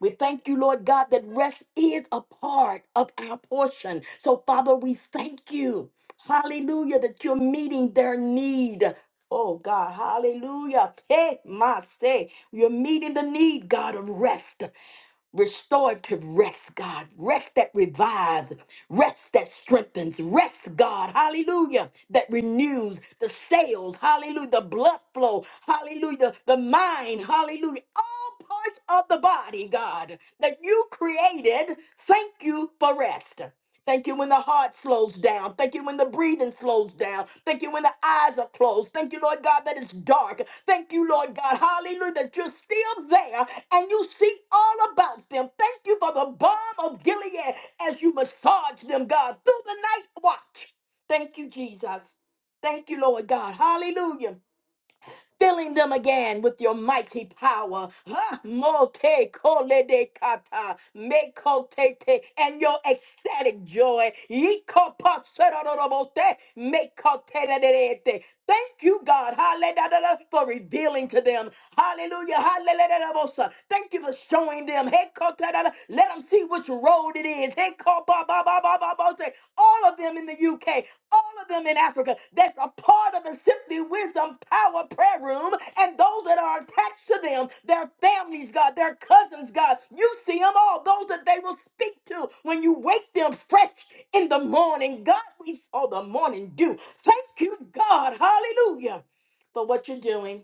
A: We thank you, Lord God, that rest is a part of our portion. So, Father, we thank you. Hallelujah, that you're meeting their need. Oh God, hallelujah. Hey, my say, you're meeting the need, God, of rest restorative rest, God. Rest that revives, rest that strengthens, rest, God. Hallelujah. That renews the sails, hallelujah. The blood flow, hallelujah. The mind, hallelujah. All parts of the body, God, that you created. Thank you for rest. Thank you when the heart slows down. Thank you when the breathing slows down. Thank you when the eyes are closed. Thank you, Lord God, that it's dark. Thank you, Lord God. Hallelujah. That you're still there and you see all about them. Thank you for the balm of Gilead as you massage them, God, through the night watch. Thank you, Jesus. Thank you, Lord God. Hallelujah filling them again with your mighty power. Ah, mote kole de kata, me kote te, And your ecstatic joy. Yiko pa serororobote, me kote de de de te. Thank you, God, hallelujah, for revealing to them. Hallelujah, hallelujah. Thank you for showing them. Hey, kote da da, Let them see which road it is. Hey, ko ba ba ba ba ba ba. All of them in the UK all of them in Africa that's a part of the Simply Wisdom Power Prayer Room, and those that are attached to them, their families, God, their cousins, God. You see them all, those that they will speak to when you wake them fresh in the morning. God, we saw the morning dew. Thank you, God. Hallelujah for what you're doing.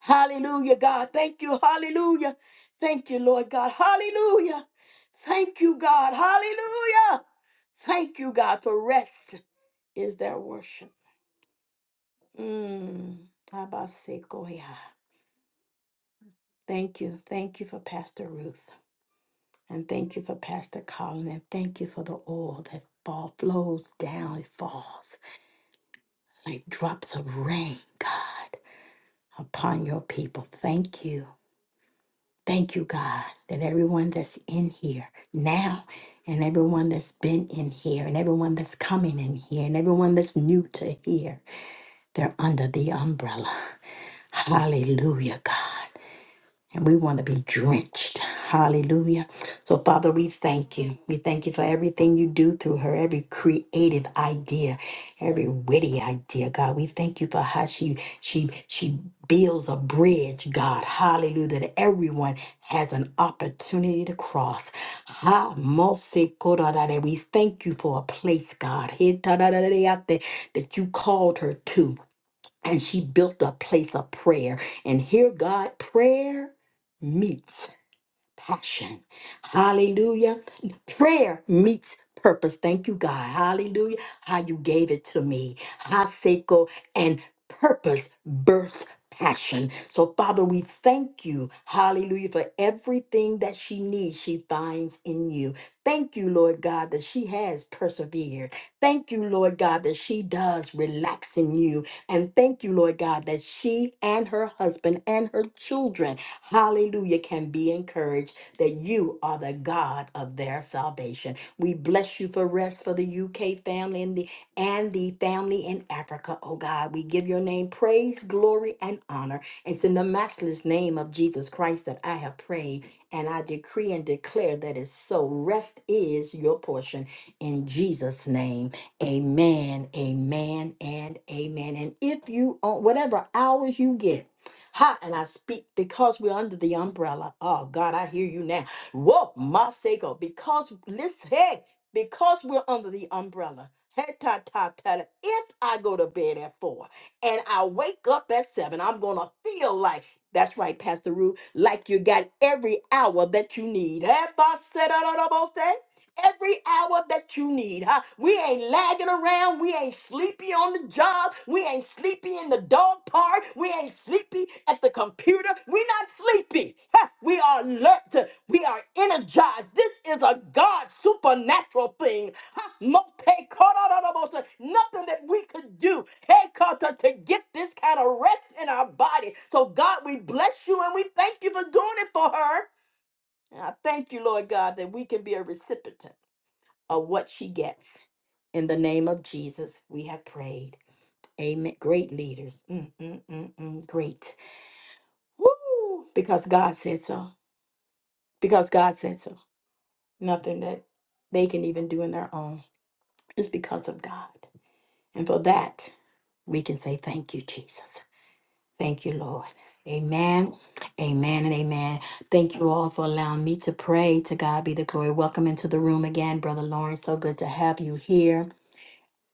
A: Hallelujah, God. Thank you. Hallelujah. Thank you, Lord God. Hallelujah. Thank you, God. Hallelujah. Thank you, God, for rest is their worship. Mm. Habasekoya. Thank you. Thank you for Pastor Ruth. And thank you for Pastor Colin. And thank you for the oil that fall, flows down. It falls like drops of rain, God, upon your people. Thank you. Thank you, God, that everyone that's in here now and everyone that's been in here and everyone that's coming in here and everyone that's new to here, they're under the umbrella. Hallelujah, God. and we want to be drenched. Hallelujah. So, Father, we thank you. We thank you for everything you do through her, every creative idea, every witty idea, God. We thank you for how she she she builds a bridge, God. Hallelujah. That everyone has an opportunity to cross. Ha, mose, koradade. We thank you for a place, God. He, tadadadade, out there That you called her to and she built a place of prayer. And here, God, prayer meets passion. Hallelujah. Prayer meets purpose. Thank you, God. Hallelujah. How you gave it to me. Haseko and purpose births passion. So, Father, we thank you. Hallelujah. For everything that she needs, she finds in you. Thank you, Lord God, that she has persevered. Thank you, Lord God, that she does relax in you. And thank you, Lord God, that she and her husband and her children, hallelujah, can be encouraged that you are the God of their salvation. We bless you for rest for the UK family and the and the family in Africa, oh God. We give your name praise, glory, and honor. It's in the matchless name of Jesus Christ that I have prayed, and I decree and declare that it's so. Rest is your portion in Jesus' name. Amen, amen, and amen. And if you on whatever hours you get, Ha, and I speak because we're under the umbrella. Oh God, I hear you now. Whoa, my sego. Because listen, hey, because we're under the umbrella. Hey, ta, ta, ta, ta. If I go to bed at four and I wake up at seven, I'm gonna feel like that's right, Pastor Ruth, like you got every hour that you need. Hey, ba, se, da, da, da, bo, se every hour that you need. huh? We ain't lagging around. We ain't sleepy on the job. We ain't sleepy in the dog park. We ain't sleepy at the computer. We're not sleepy. huh? We are alert. We are energized. This is a God supernatural thing. huh? Mote korororobosa. Nothing that we could do hey, Kata, to get this kind of rest in our body. So, God, we bless you and we thank you for doing it for her. And I thank you, Lord God, that we can be a recipient of what she gets. In the name of Jesus, we have prayed. Amen. Great leaders. Mm, mm, mm, mm. Great. Woo! Because God said so. Because God said so. Nothing that they can even do in their own is because of God. And for that, we can say thank you, Jesus. Thank you, Lord. Amen. Amen and amen. Thank you all for allowing me to pray. To God be the glory. Welcome into the room again, Brother Lawrence. So good to have you here.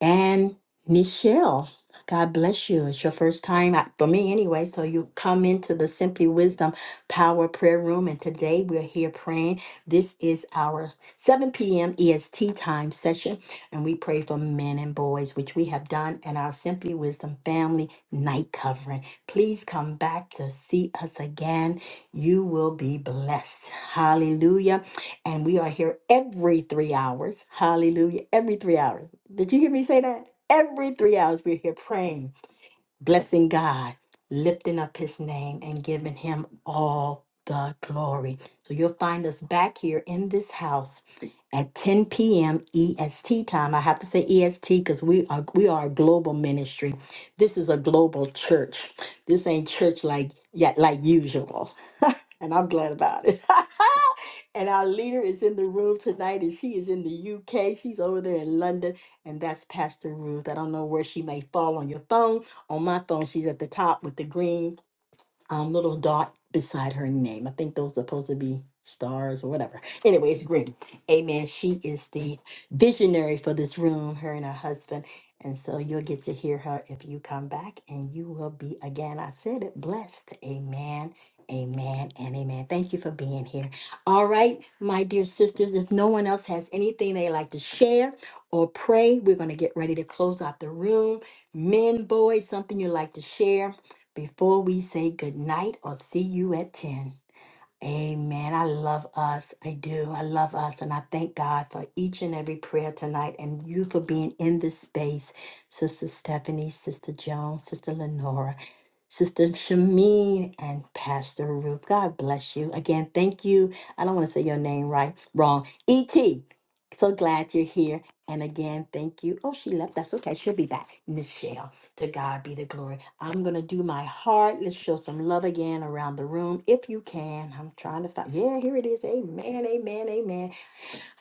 A: And Nichelle, God bless you. It's your first time uh, for me anyway. So you come into the Simply Wisdom Power Prayer Room. And today we're here praying. This is our 7 p.m. EST time session. And we pray for men and boys, which we have done in our Simply Wisdom Family Night Covering. Please come back to see us again. You will be blessed. Hallelujah. And we are here every three hours. Hallelujah. Every three hours. Did you hear me say that? Every three hours we're here praying blessing God, lifting up his name and giving him all the glory. So you'll find us back here in this house at 10 p.m. EST time. I have to say EST because we are we are a global ministry. This is a global church. This ain't church like yet like usual. and I'm glad about it. and our leader is in the room tonight and she is in the UK. She's over there in London. And that's Pastor Ruth. I don't know where she may fall on your phone on my phone, she's at the top with the green um, little dot beside her name. I think those are supposed to be stars or whatever. Anyway, it's green. Amen. She is the visionary for this room, her and her husband. And so you'll get to hear her if you come back, and you will be again. I said it blessed. Amen. Amen and amen. Thank you for being here. All right, my dear sisters, if no one else has anything they like to share or pray, we're going to get ready to close out the room. Men, boys, something you like to share before we say good night or see you at 10. Amen. I love us. I do. I love us. And I thank God for each and every prayer tonight and you for being in this space, Sister Stephanie, Sister Jones, Sister Lenora. Sister Shami and Pastor Ruth. God bless you. Again, thank you. I don't want to say your name right, wrong. E.T. So glad you're here. And again, thank you. Oh, she left. That's okay. She'll be back. Michelle, to God be the glory. I'm going to do my heart. Let's show some love again around the room if you can. I'm trying to find. Yeah, here it is. Amen. Amen. Amen.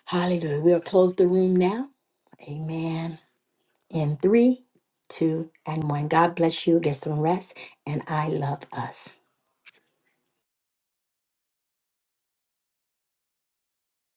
A: Hallelujah. We'll close the room now. Amen in three, two, and one. God bless you. Get some rest, and I love us.